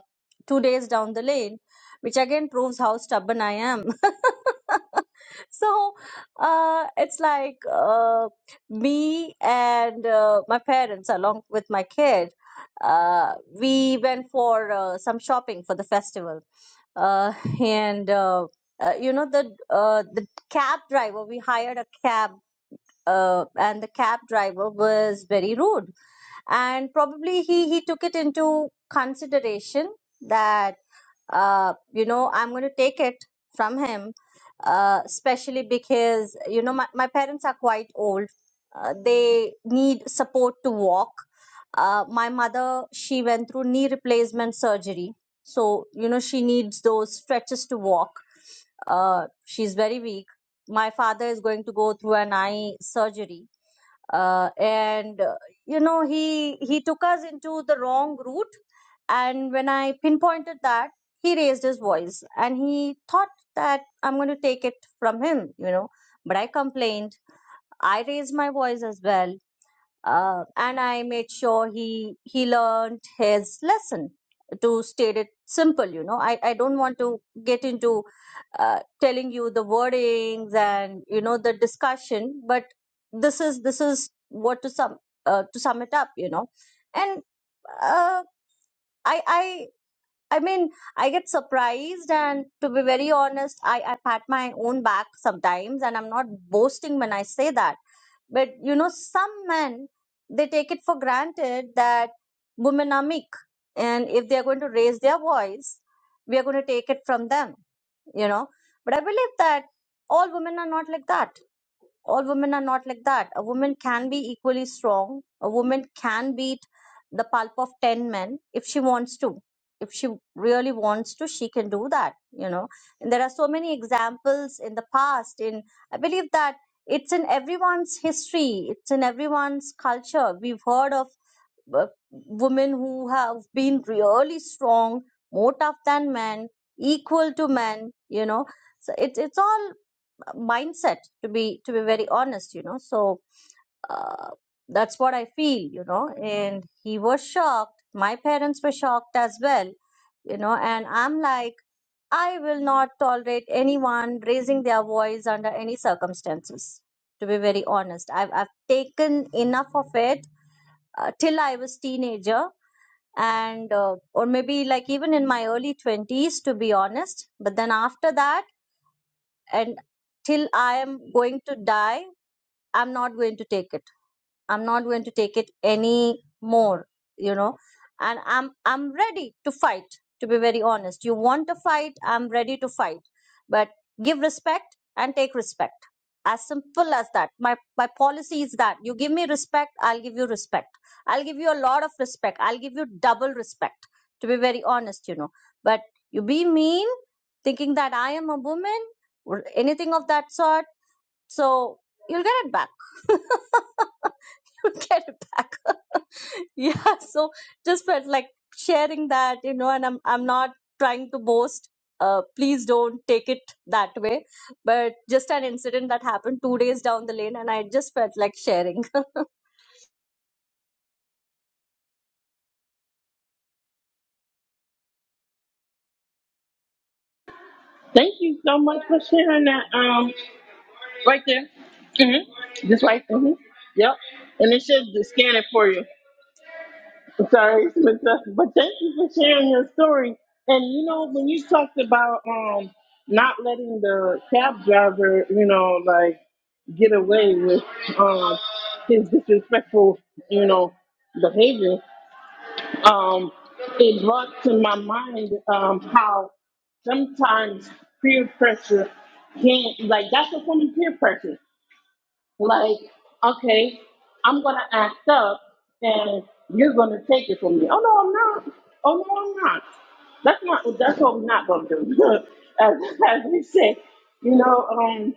S6: two days down the lane, which again proves how stubborn I am. so uh, it's like uh, me and uh, my parents, along with my kid, uh, we went for uh, some shopping for the festival, uh, and uh, uh, you know the uh, the cab driver we hired a cab uh, and the cab driver was very rude and probably he he took it into consideration that uh, you know i'm going to take it from him uh, especially because you know my, my parents are quite old uh, they need support to walk uh, my mother she went through knee replacement surgery so you know she needs those stretches to walk uh, she's very weak my father is going to go through an eye surgery uh, and uh, you know he he took us into the wrong route and when i pinpointed that he raised his voice and he thought that i'm going to take it from him you know but i complained i raised my voice as well uh, and I made sure he he learned his lesson. To state it simple, you know, I I don't want to get into uh, telling you the wordings and you know the discussion, but this is this is what to sum uh, to sum it up, you know, and uh, I I. I mean, I get surprised, and to be very honest, I, I pat my own back sometimes, and I'm not boasting when I say that but you know, some men they take it for granted that women are meek, and if they are going to raise their voice, we are going to take it from them. You know, but I believe that all women are not like that all women are not like that. A woman can be equally strong. A woman can beat the pulp of 10 men if she wants to. If she really wants to, she can do that, you know. And there are so many examples in the past. In I believe that it's in everyone's history, it's in everyone's culture. We've heard of uh, women who have been really strong, more tough than men, equal to men, you know. So it's it's all mindset to be to be very honest you know so uh, that's what i feel you know and he was shocked my parents were shocked as well you know and i'm like i will not tolerate anyone raising their voice under any circumstances to be very honest i've, I've taken enough of it uh, till i was teenager and uh, or maybe like even in my early 20s to be honest but then after that and till I am going to die, I'm not going to take it. I'm not going to take it any more, you know. And I'm I'm ready to fight, to be very honest. You want to fight, I'm ready to fight. But give respect and take respect. As simple as that. My my policy is that you give me respect, I'll give you respect. I'll give you a lot of respect. I'll give you double respect, to be very honest, you know. But you be mean, thinking that I am a woman or anything of that sort so you'll get it back. you'll get it back. yeah. So just felt like sharing that, you know, and I'm I'm not trying to boast. Uh, please don't take it that way. But just an incident that happened two days down the lane, and I just felt like sharing.
S1: Now, I'm understand it for you. I'm sorry, it's mixed up. but thank you for sharing your story. And you know, when you talked about um not letting the cab driver, you know, like get away with um his disrespectful, you know, behavior, um, it brought to my mind um how sometimes peer pressure can like that's a form of peer pressure. Like, okay, I'm gonna act up and you're gonna take it from me. Oh no, I'm not. Oh no, I'm not. That's not that's what we're not gonna do. as, as we say, you know, um,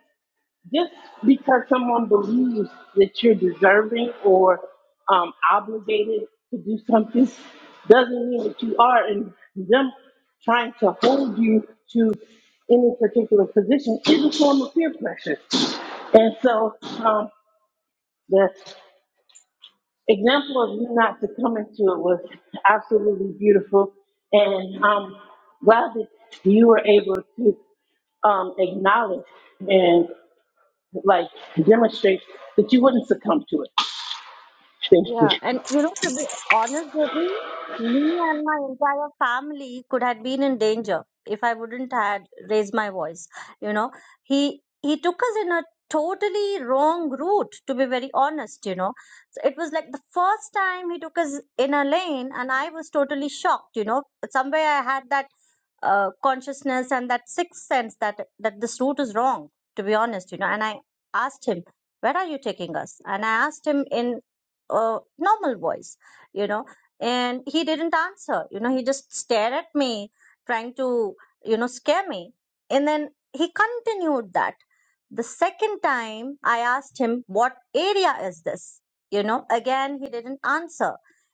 S1: just because someone believes that you're deserving or um, obligated to do something doesn't mean that you are and them trying to hold you to any particular position is a form of peer pressure. And so um, the example of you not succumbing to it was absolutely beautiful, and I'm glad that you were able to um, acknowledge and like demonstrate that you wouldn't succumb to it. Thank you.
S6: Yeah, and you know, to be honest, Debbie, me and my entire family could have been in danger if I wouldn't had raised my voice. You know, he he took us in a totally wrong route. To be very honest, you know, so it was like the first time he took us in a lane, and I was totally shocked. You know, somewhere I had that uh, consciousness and that sixth sense that that this route is wrong to be honest you know and i asked him where are you taking us and i asked him in a normal voice you know and he didn't answer you know he just stared at me trying to you know scare me and then he continued that the second time i asked him what area is this you know again he didn't answer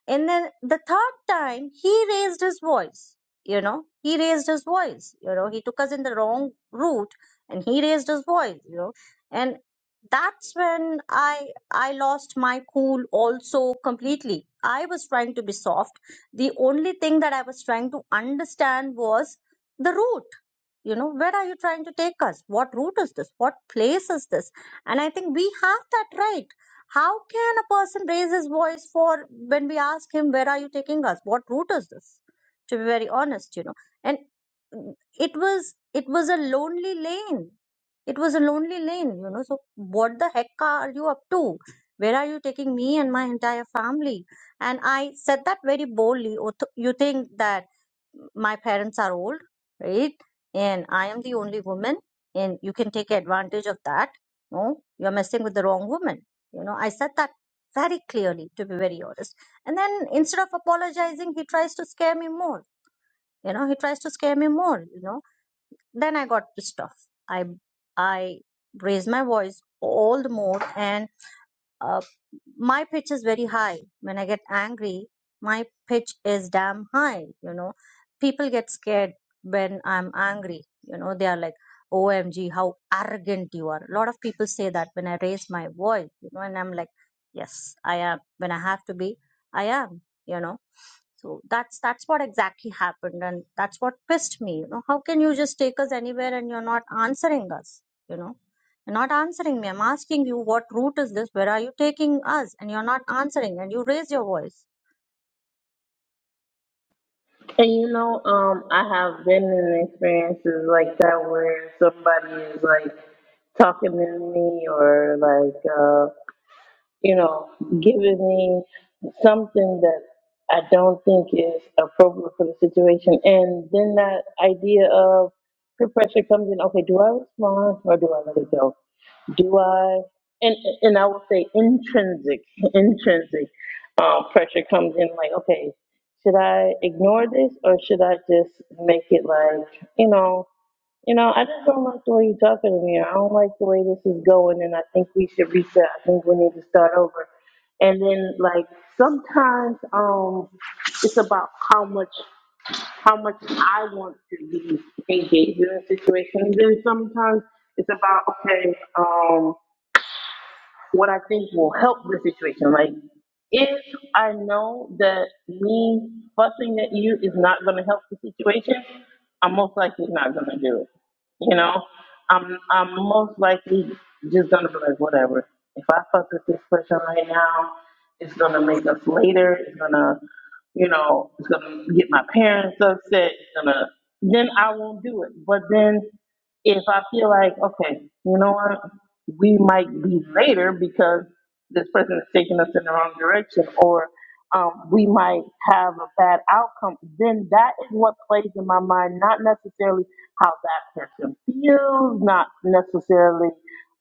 S6: and then the third time he raised his voice you know he raised his voice you know he took us in the wrong route and he raised his voice you know and that's when i i lost my cool also completely i was trying to be soft the only thing that i was trying to understand was the root you know where are you trying to take us what route is this what place is this and i think we have that right how can a person raise his voice for when we ask him where are you taking us what route is this to be very honest you know and mm, it was it was a lonely lane it was a lonely lane you know so what the heck are you up to where are you taking me and my entire family and i said that very boldly "Oh, th- you think that my parents are old, right? And I am the only woman, and you can take advantage of that. No, you're messing with the wrong woman. You know, I said that very clearly, to be very honest. And then instead of apologizing, he tries to scare me more. You know, he tries to scare me more. You know, then I got pissed off. I I raised my voice all the more, and uh, my pitch is very high. When I get angry, my pitch is damn high. You know, people get scared when I'm angry. You know, they are like, OMG, how arrogant you are. A lot of people say that when I raise my voice, you know, and I'm like, yes, I am. When I have to be, I am, you know. So that's that's what exactly happened, and that's what pissed me. You know, how can you just take us anywhere and you're not answering us? You know, you're not answering me. I'm asking you, what route is this? Where are you taking us? And you're not answering, and you raise your voice.
S1: And you know, um, I have been in experiences like that where somebody is like talking to me or like. you know, giving me something that I don't think is appropriate for the situation. And then that idea of peer pressure comes in, okay, do I respond or do I let it go? Do I, and, and I will say intrinsic, intrinsic um, pressure comes in like, okay, should I ignore this or should I just make it like, you know, you know, I just don't like the way you're talking to me. I don't like the way this is going, and I think we should reset. I think we need to start over. And then, like sometimes, um, it's about how much how much I want to be engaged in a situation. And then sometimes it's about okay, um, what I think will help the situation. Like, if I know that me fussing at you is not going to help the situation, I'm most likely not going to do it. You know, I'm I'm most likely just going to be like, whatever. If I fuss with this person right now, it's going to make us later. It's going to, you know, it's going to get my parents upset. It's going to, then I won't do it. But then if I feel like, okay, you know what? we might be later because this person is taking us in the wrong direction or um, we might have a bad outcome, then that is what plays in my mind, not necessarily how that person feels, not necessarily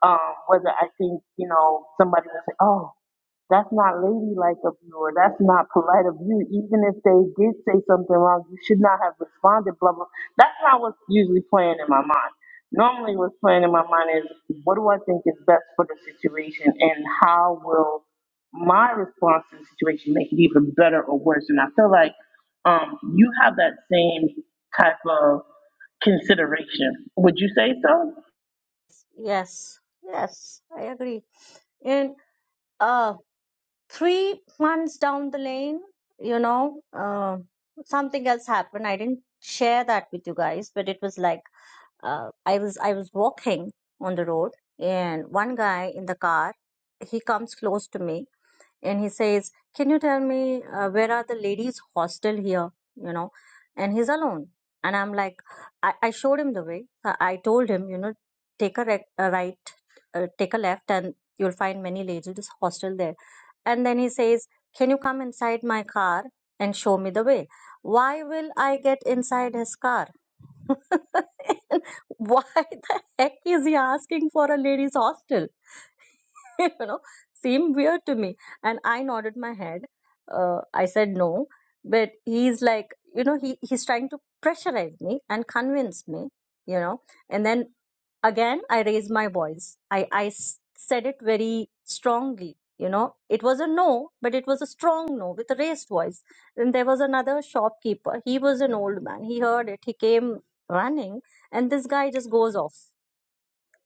S1: um, whether I think, you know, somebody will say, oh, that's not ladylike of you, or that's not polite of you. Even if they did say something wrong, you should not have responded, blah, blah. That's not what's usually playing in my mind. Normally, what's playing in my mind is what do I think is best for the situation, and how will my response to the situation make it even better or worse? And I feel like um, you have that same type of consideration. Would you say so?
S6: Yes, yes, I agree. And uh, three months down the lane, you know, uh, something else happened. I didn't share that with you guys, but it was like uh, I was I was walking on the road, and one guy in the car, he comes close to me and he says, "Can you tell me uh, where are the ladies' hostel here?" You know, and he's alone, and I'm like, I, I showed him the way. I I told him, you know, take a, rec- a right, uh, take a left, and you'll find many ladies' hostel there. And then he says, "Can you come inside my car and show me the way?" Why will I get inside his car? Why the heck is he asking for a ladies' hostel? you know, seemed weird to me. And I nodded my head. Uh, I said no. But he's like, you know, he, he's trying to pressurize me and convince me, you know. And then again i raised my voice i i s- said it very strongly you know it was a no but it was a strong no with a raised voice then there was another shopkeeper he was an old man he heard it he came running and this guy just goes off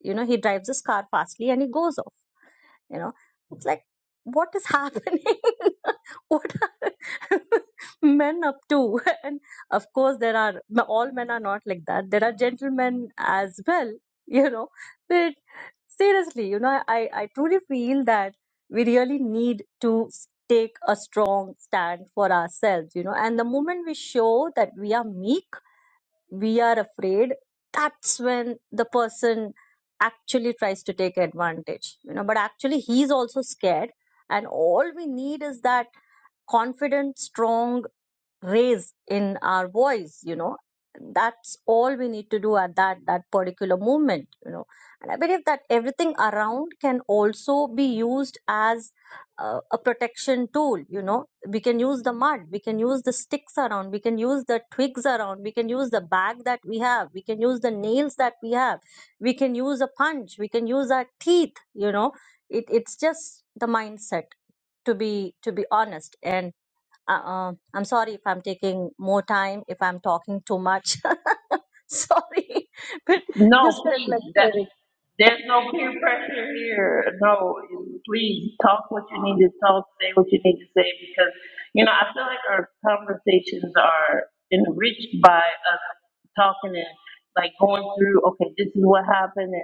S6: you know he drives his car fastly and he goes off you know it's like what is happening what are men up to and of course there are all men are not like that there are gentlemen as well you know but seriously you know i i truly feel that we really need to take a strong stand for ourselves you know and the moment we show that we are meek we are afraid that's when the person actually tries to take advantage you know but actually he's also scared and all we need is that confident strong raise in our voice you know that's all we need to do at that that particular moment you know and i believe that everything around can also be used as uh, a protection tool you know we can use the mud we can use the sticks around we can use the twigs around we can use the bag that we have we can use the nails that we have we can use a punch we can use our teeth you know it, it's just the mindset to be to be honest and uh, uh, I'm sorry if I'm taking more time, if I'm talking too much. sorry, but
S1: No,
S6: just felt like
S1: please. That
S6: sharing.
S1: there's no peer pressure here. No, please talk what you need to talk, say what you need to say, because you know I feel like our conversations are enriched by us talking and like going through. Okay, this is what happened,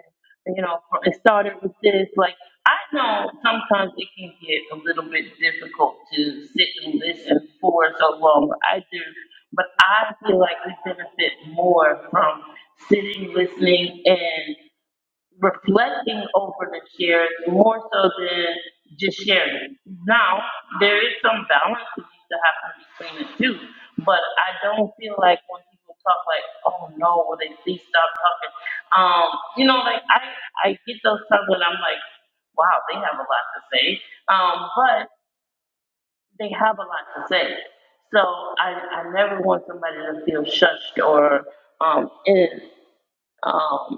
S1: and you know it started with this. Like I know sometimes it can get a little bit difficult to sit and listen for so long. I do, but I feel like we benefit more from sitting, listening, reflecting over the shares more so than just sharing. Now, there is some balance that needs to happen between the two, but I don't feel like when people talk like, oh no, will they please stop talking? Um, you know, like I, I get those times when I'm like, wow, they have a lot to say. Um, but they have a lot to say. So I, I never want somebody to feel shushed or um, in. um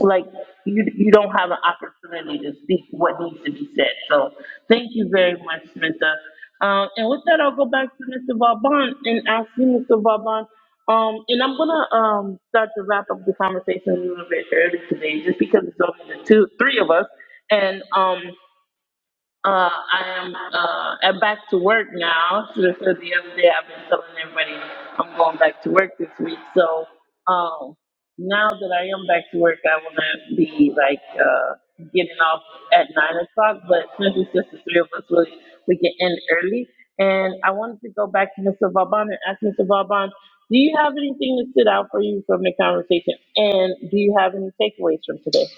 S1: like you you don't have an opportunity to speak what needs to be said. So thank you very much, Samantha. Um, and with that, I'll go back to Mr. Vauban and ask you, Mr. Vauban. Um, and I'm gonna um, start to wrap up the conversation a little bit early today, just because it's only the two, three of us, and um, uh, I am uh, I'm back to work now. So the so the other day I've been telling everybody I'm going back to work this week. So um, now that I am back to work, I will not be like uh, getting off at nine o'clock. But since it's just the three of us, we we can end early. And I wanted to go back to Mr. Vauban and ask Mr. Vauban, do you have anything that stood out for you from the conversation? And do you have any takeaways from today?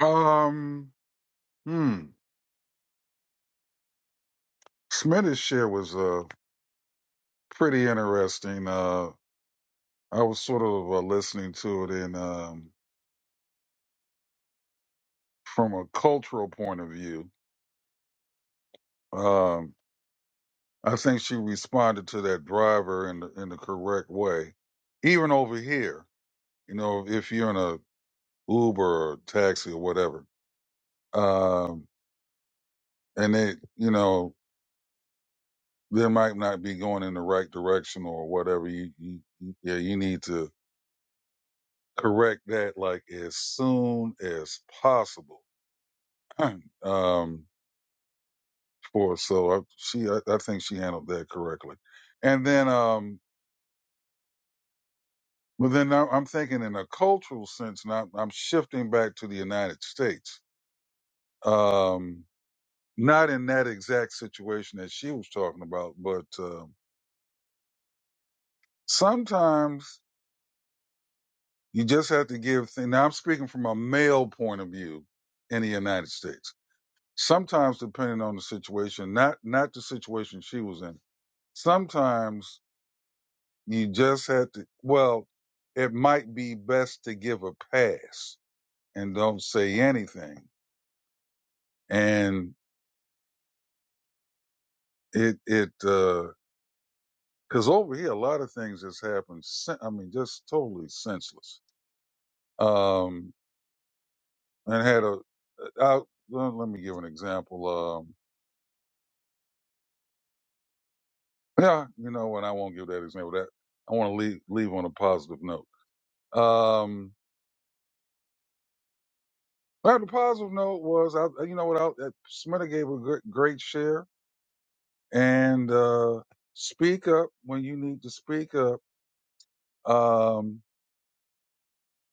S3: um, hmm. Smith's share was uh pretty interesting. Uh, I was sort of uh, listening to it in um, from a cultural point of view. Um, I think she responded to that driver in the, in the correct way. Even over here, you know, if you're in a Uber or taxi or whatever, um, and they, you know, they might not be going in the right direction or whatever. You, you, you- yeah, you need to correct that like as soon as possible. um, for us. So I, she, I, I think she handled that correctly. And then, um, well, then I- I'm thinking in a cultural sense. Now I'm shifting back to the United States. Um, not in that exact situation that she was talking about, but um sometimes you just have to give. Things, now I'm speaking from a male point of view in the United States. Sometimes, depending on the situation, not not the situation she was in. Sometimes You just have to, well, it might be best to give a pass and don't say anything. And it, it, uh 'cause cause over here, a lot of things has happened. sen- I mean, just totally senseless. Um, and had a, I, well, let me give an example. Um, yeah, you know what? I won't give that example. That I want to leave, leave on a positive note. Um, well, the positive note was, I, you know what? I, Smitter gave a great, great share and uh, speak up when you need to speak up. Um,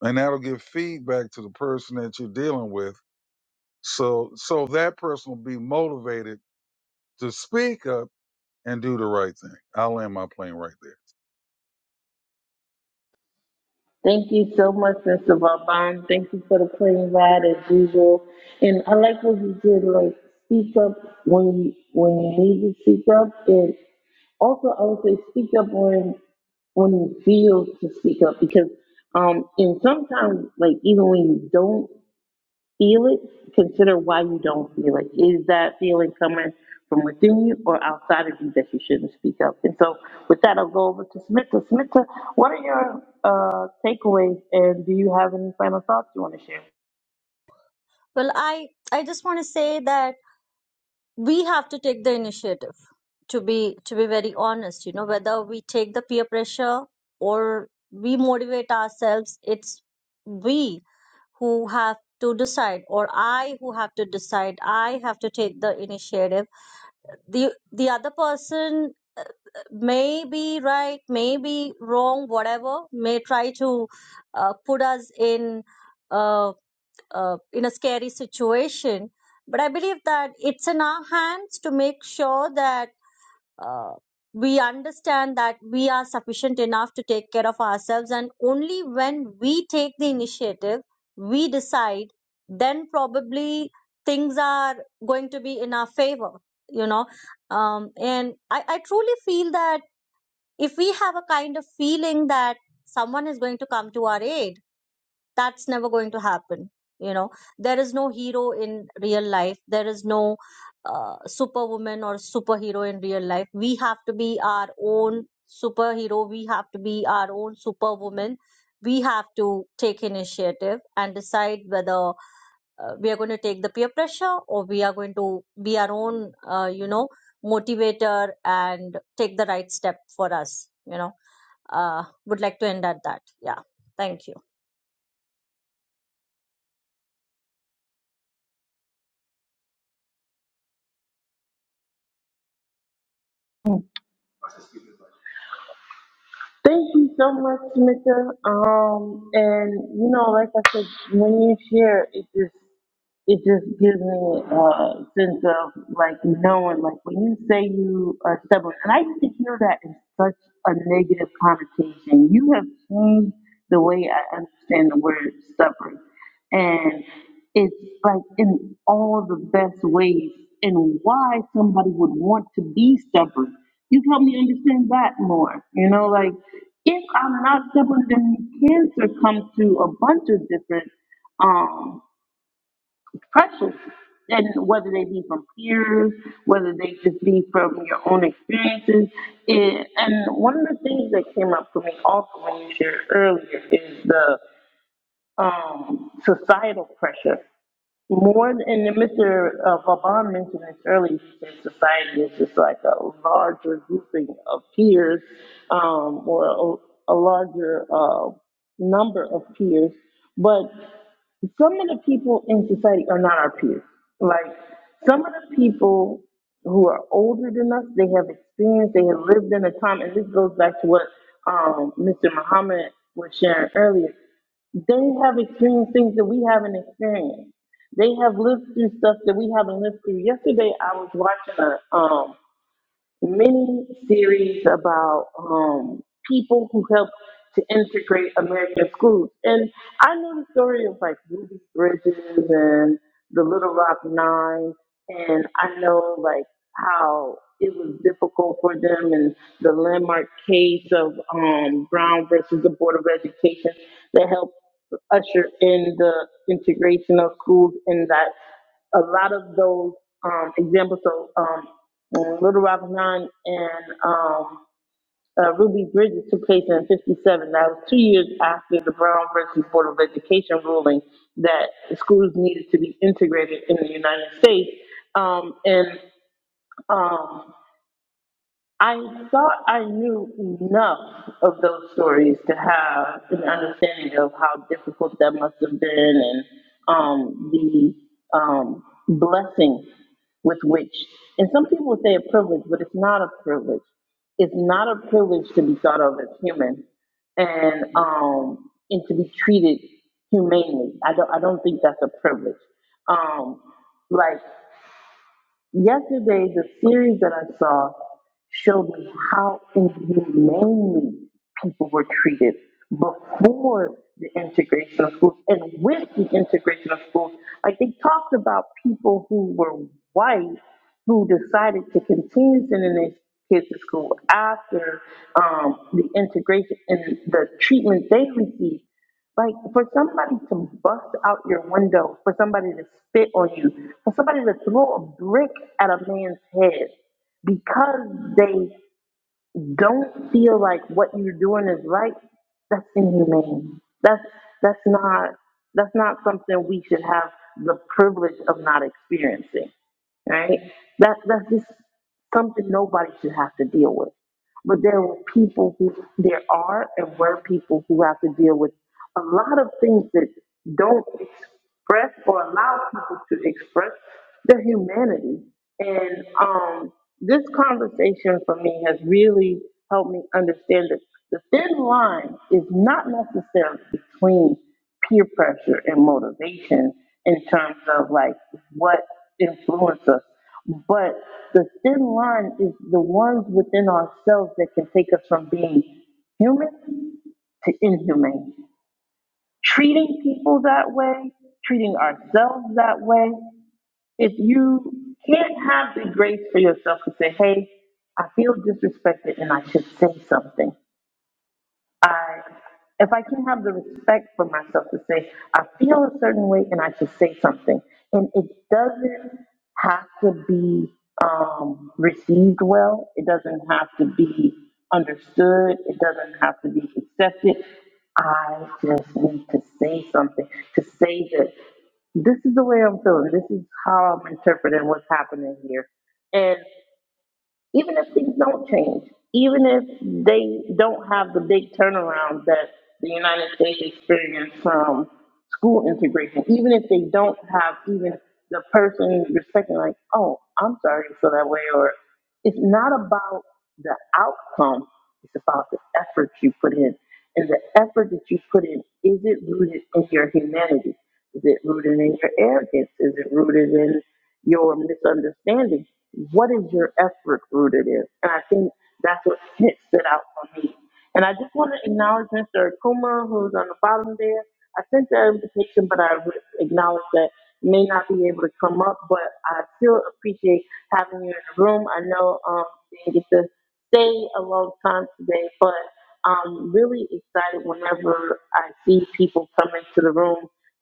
S3: and that'll give feedback to the person that you're dealing with. So, so that person will be motivated to speak up and do the right thing. I'll land my plane right there.
S1: Thank you so much, Mr. Vaughn. Thank you for the plane ride as usual. And I like what you did, like speak up when you when you need to speak up. And also I would say speak up when when you feel to speak up because um and sometimes like even when you don't feel it, consider why you don't feel it. Is that feeling coming from within you or outside of you that you shouldn't speak up? And so, with that, I'll go over to Smita. Smita, what are your uh, takeaways, and do you have any final thoughts you want to share?
S6: Well, I I just want to say that we have to take the initiative. To be to be very honest, you know, whether we take the peer pressure or we motivate ourselves, it's we who have to decide, or I who have to decide. I have to take the initiative. the The other person may be right, may be wrong, whatever, may try to uh, put us in uh, uh, in a scary situation. But I believe that it's in our hands to make sure that uh, we understand that we are sufficient enough to take care of ourselves, and only when we take the initiative, we decide, then probably things are going to be in our favor. You know, um, and I, I truly feel that if we have a kind of feeling that someone is going to come to our aid that's never going to happen you know there is no hero in real life there is no uh, superwoman or superhero in real life we have to be our own superhero we have to be our own superwoman we have to take initiative and decide whether uh, we are going to take the peer pressure or we are going to be our own uh, you know motivator and take the right step for us you know uh, would like to end at that. Yeah, thank you.
S1: Thank you so much, Smita. Um, and you know, like I said, when you share, it just it just gives me a sense of like knowing, like when you say you are stubborn, and I used to hear that in such a negative connotation. You have changed the way I understand the word stubborn, and it's like in all the best ways, and why somebody would want to be stubborn. you help me understand that more. You know, like if I'm not stubborn, then cancer comes to a bunch of different. um, precious. And whether they be from peers, whether they just be from your own experiences. It, and one of the things that came up for me also when you shared earlier is the um, societal pressure. More than, and Mr. Uh, Vaughn mentioned this earlier, he said society is just like a larger grouping of peers um, or a, a larger uh, number of peers. But some of the people in society are not our peers. Like some of the people who are older than us, they have experience, they have lived in a time, and this goes back to what um, Mr. Muhammad was sharing earlier. They have experienced things that we haven't experienced. They have lived through stuff that we haven't lived through. Yesterday, I was watching a um many series about um, people who helped to integrate American schools. And I know the story of like Ruby Bridges and the Little Rock Nine, and I know like how it was difficult for them and the landmark case of um, Brown versus the Board of Education that helped usher in the integration of schools in that a lot of those um, examples. So um, Little Rock Nine and um, uh, Ruby Bridges took place in '57. That was two years after the Brown versus Board of Education ruling that schools needed to be integrated in the United States. Um, and um, I thought I knew enough of those stories to have an understanding of how difficult that must have been and um, the um, blessing with which, and some people would say a privilege, but it's not a privilege. It's not a privilege to be thought of as human and um, and to be treated humanely. I don't I don't think that's a privilege. Um, like Yesterday, the series that I saw showed me how inhumanely people were treated before the integration of schools and with the integration of schools. Like they talked about people who were white who decided to continue sending their kids to school after um, the integration and the treatment they received. Like for somebody to bust out your window, for somebody to spit on you, for somebody to throw a brick at a man's head because they don't feel like what you're doing is right, that's inhumane. That's that's not that's not something we should have the privilege of not experiencing. Right? That that's just something nobody should have to deal with. But there were people who there are and were people who have to deal with a lot of things that don't express or allow people to express their humanity. And um, this conversation for me has really helped me understand that the thin line is not necessarily between peer pressure and motivation in terms of like what influences us. But the thin line is the ones within ourselves that can take us from being human to inhumane treating people that way, treating ourselves that way, if you can't have the grace for yourself to say, hey, I feel disrespected and I should say something, I, if I can have the respect for myself to say, I feel a certain way and I should say something. And it doesn't have to be um, received well, it doesn't have to be understood, it doesn't have to be accepted. I just need to say something, to say that this is the way I'm feeling, this is how I'm interpreting what's happening here even if things don't change, even if they don't have the big turnaround that the United States experienced from school integration, even if they don't have even the person respecting, like, oh, I'm sorry you feel that way, or it's not about the outcome, it's about the effort you put in. And the effort that you put in, is it rooted in your humanity? Is it rooted in your arrogance? Is it rooted in your misunderstanding? What is your effort rooted in? And I think that's what hit stood out for me. And I just want to acknowledge Mr. Akuma, who's on the bottom there. I sent the invitation, but I re- acknowledge that you may not be able to come up, but I still appreciate having you in the room. I know um, you didn't get to stay a long time today, but I'm really excited whenever I see people come into the room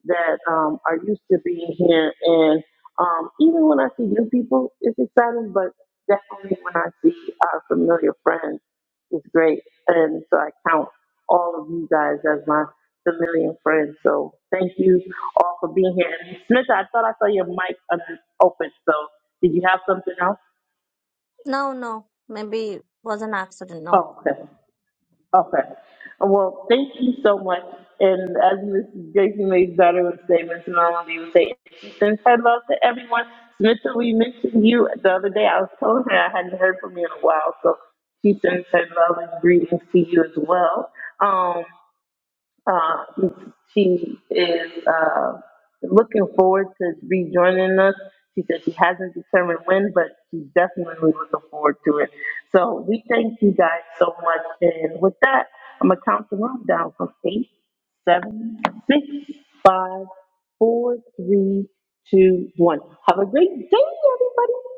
S1: that um, are used to being here. And um, even when I see new people, it's exciting, but definitely when I see our familiar friends, it's great. And so I count all of you guys as my familiar friends. So thank you all for being here. And Smith, I thought I saw your mic un- open. So did you have something else?
S6: No, no, maybe it was an accident. No.
S1: Oh, okay. Okay. Well, thank you so much. And as Mrs. Jason made better with statements, and all of you would say, she sends her love to everyone. Smita, we mentioned you the other day. I was telling her I hadn't heard from you in a while, so she sends her love and greetings to you as well. Um. Uh, she is uh, looking forward to rejoining us. She said she hasn't determined when, but she's definitely looking forward to it. So we thank you guys so much. And with that, I'm going to count the room down from eight, seven, six, five, four, three, two, one. Have a great day, everybody.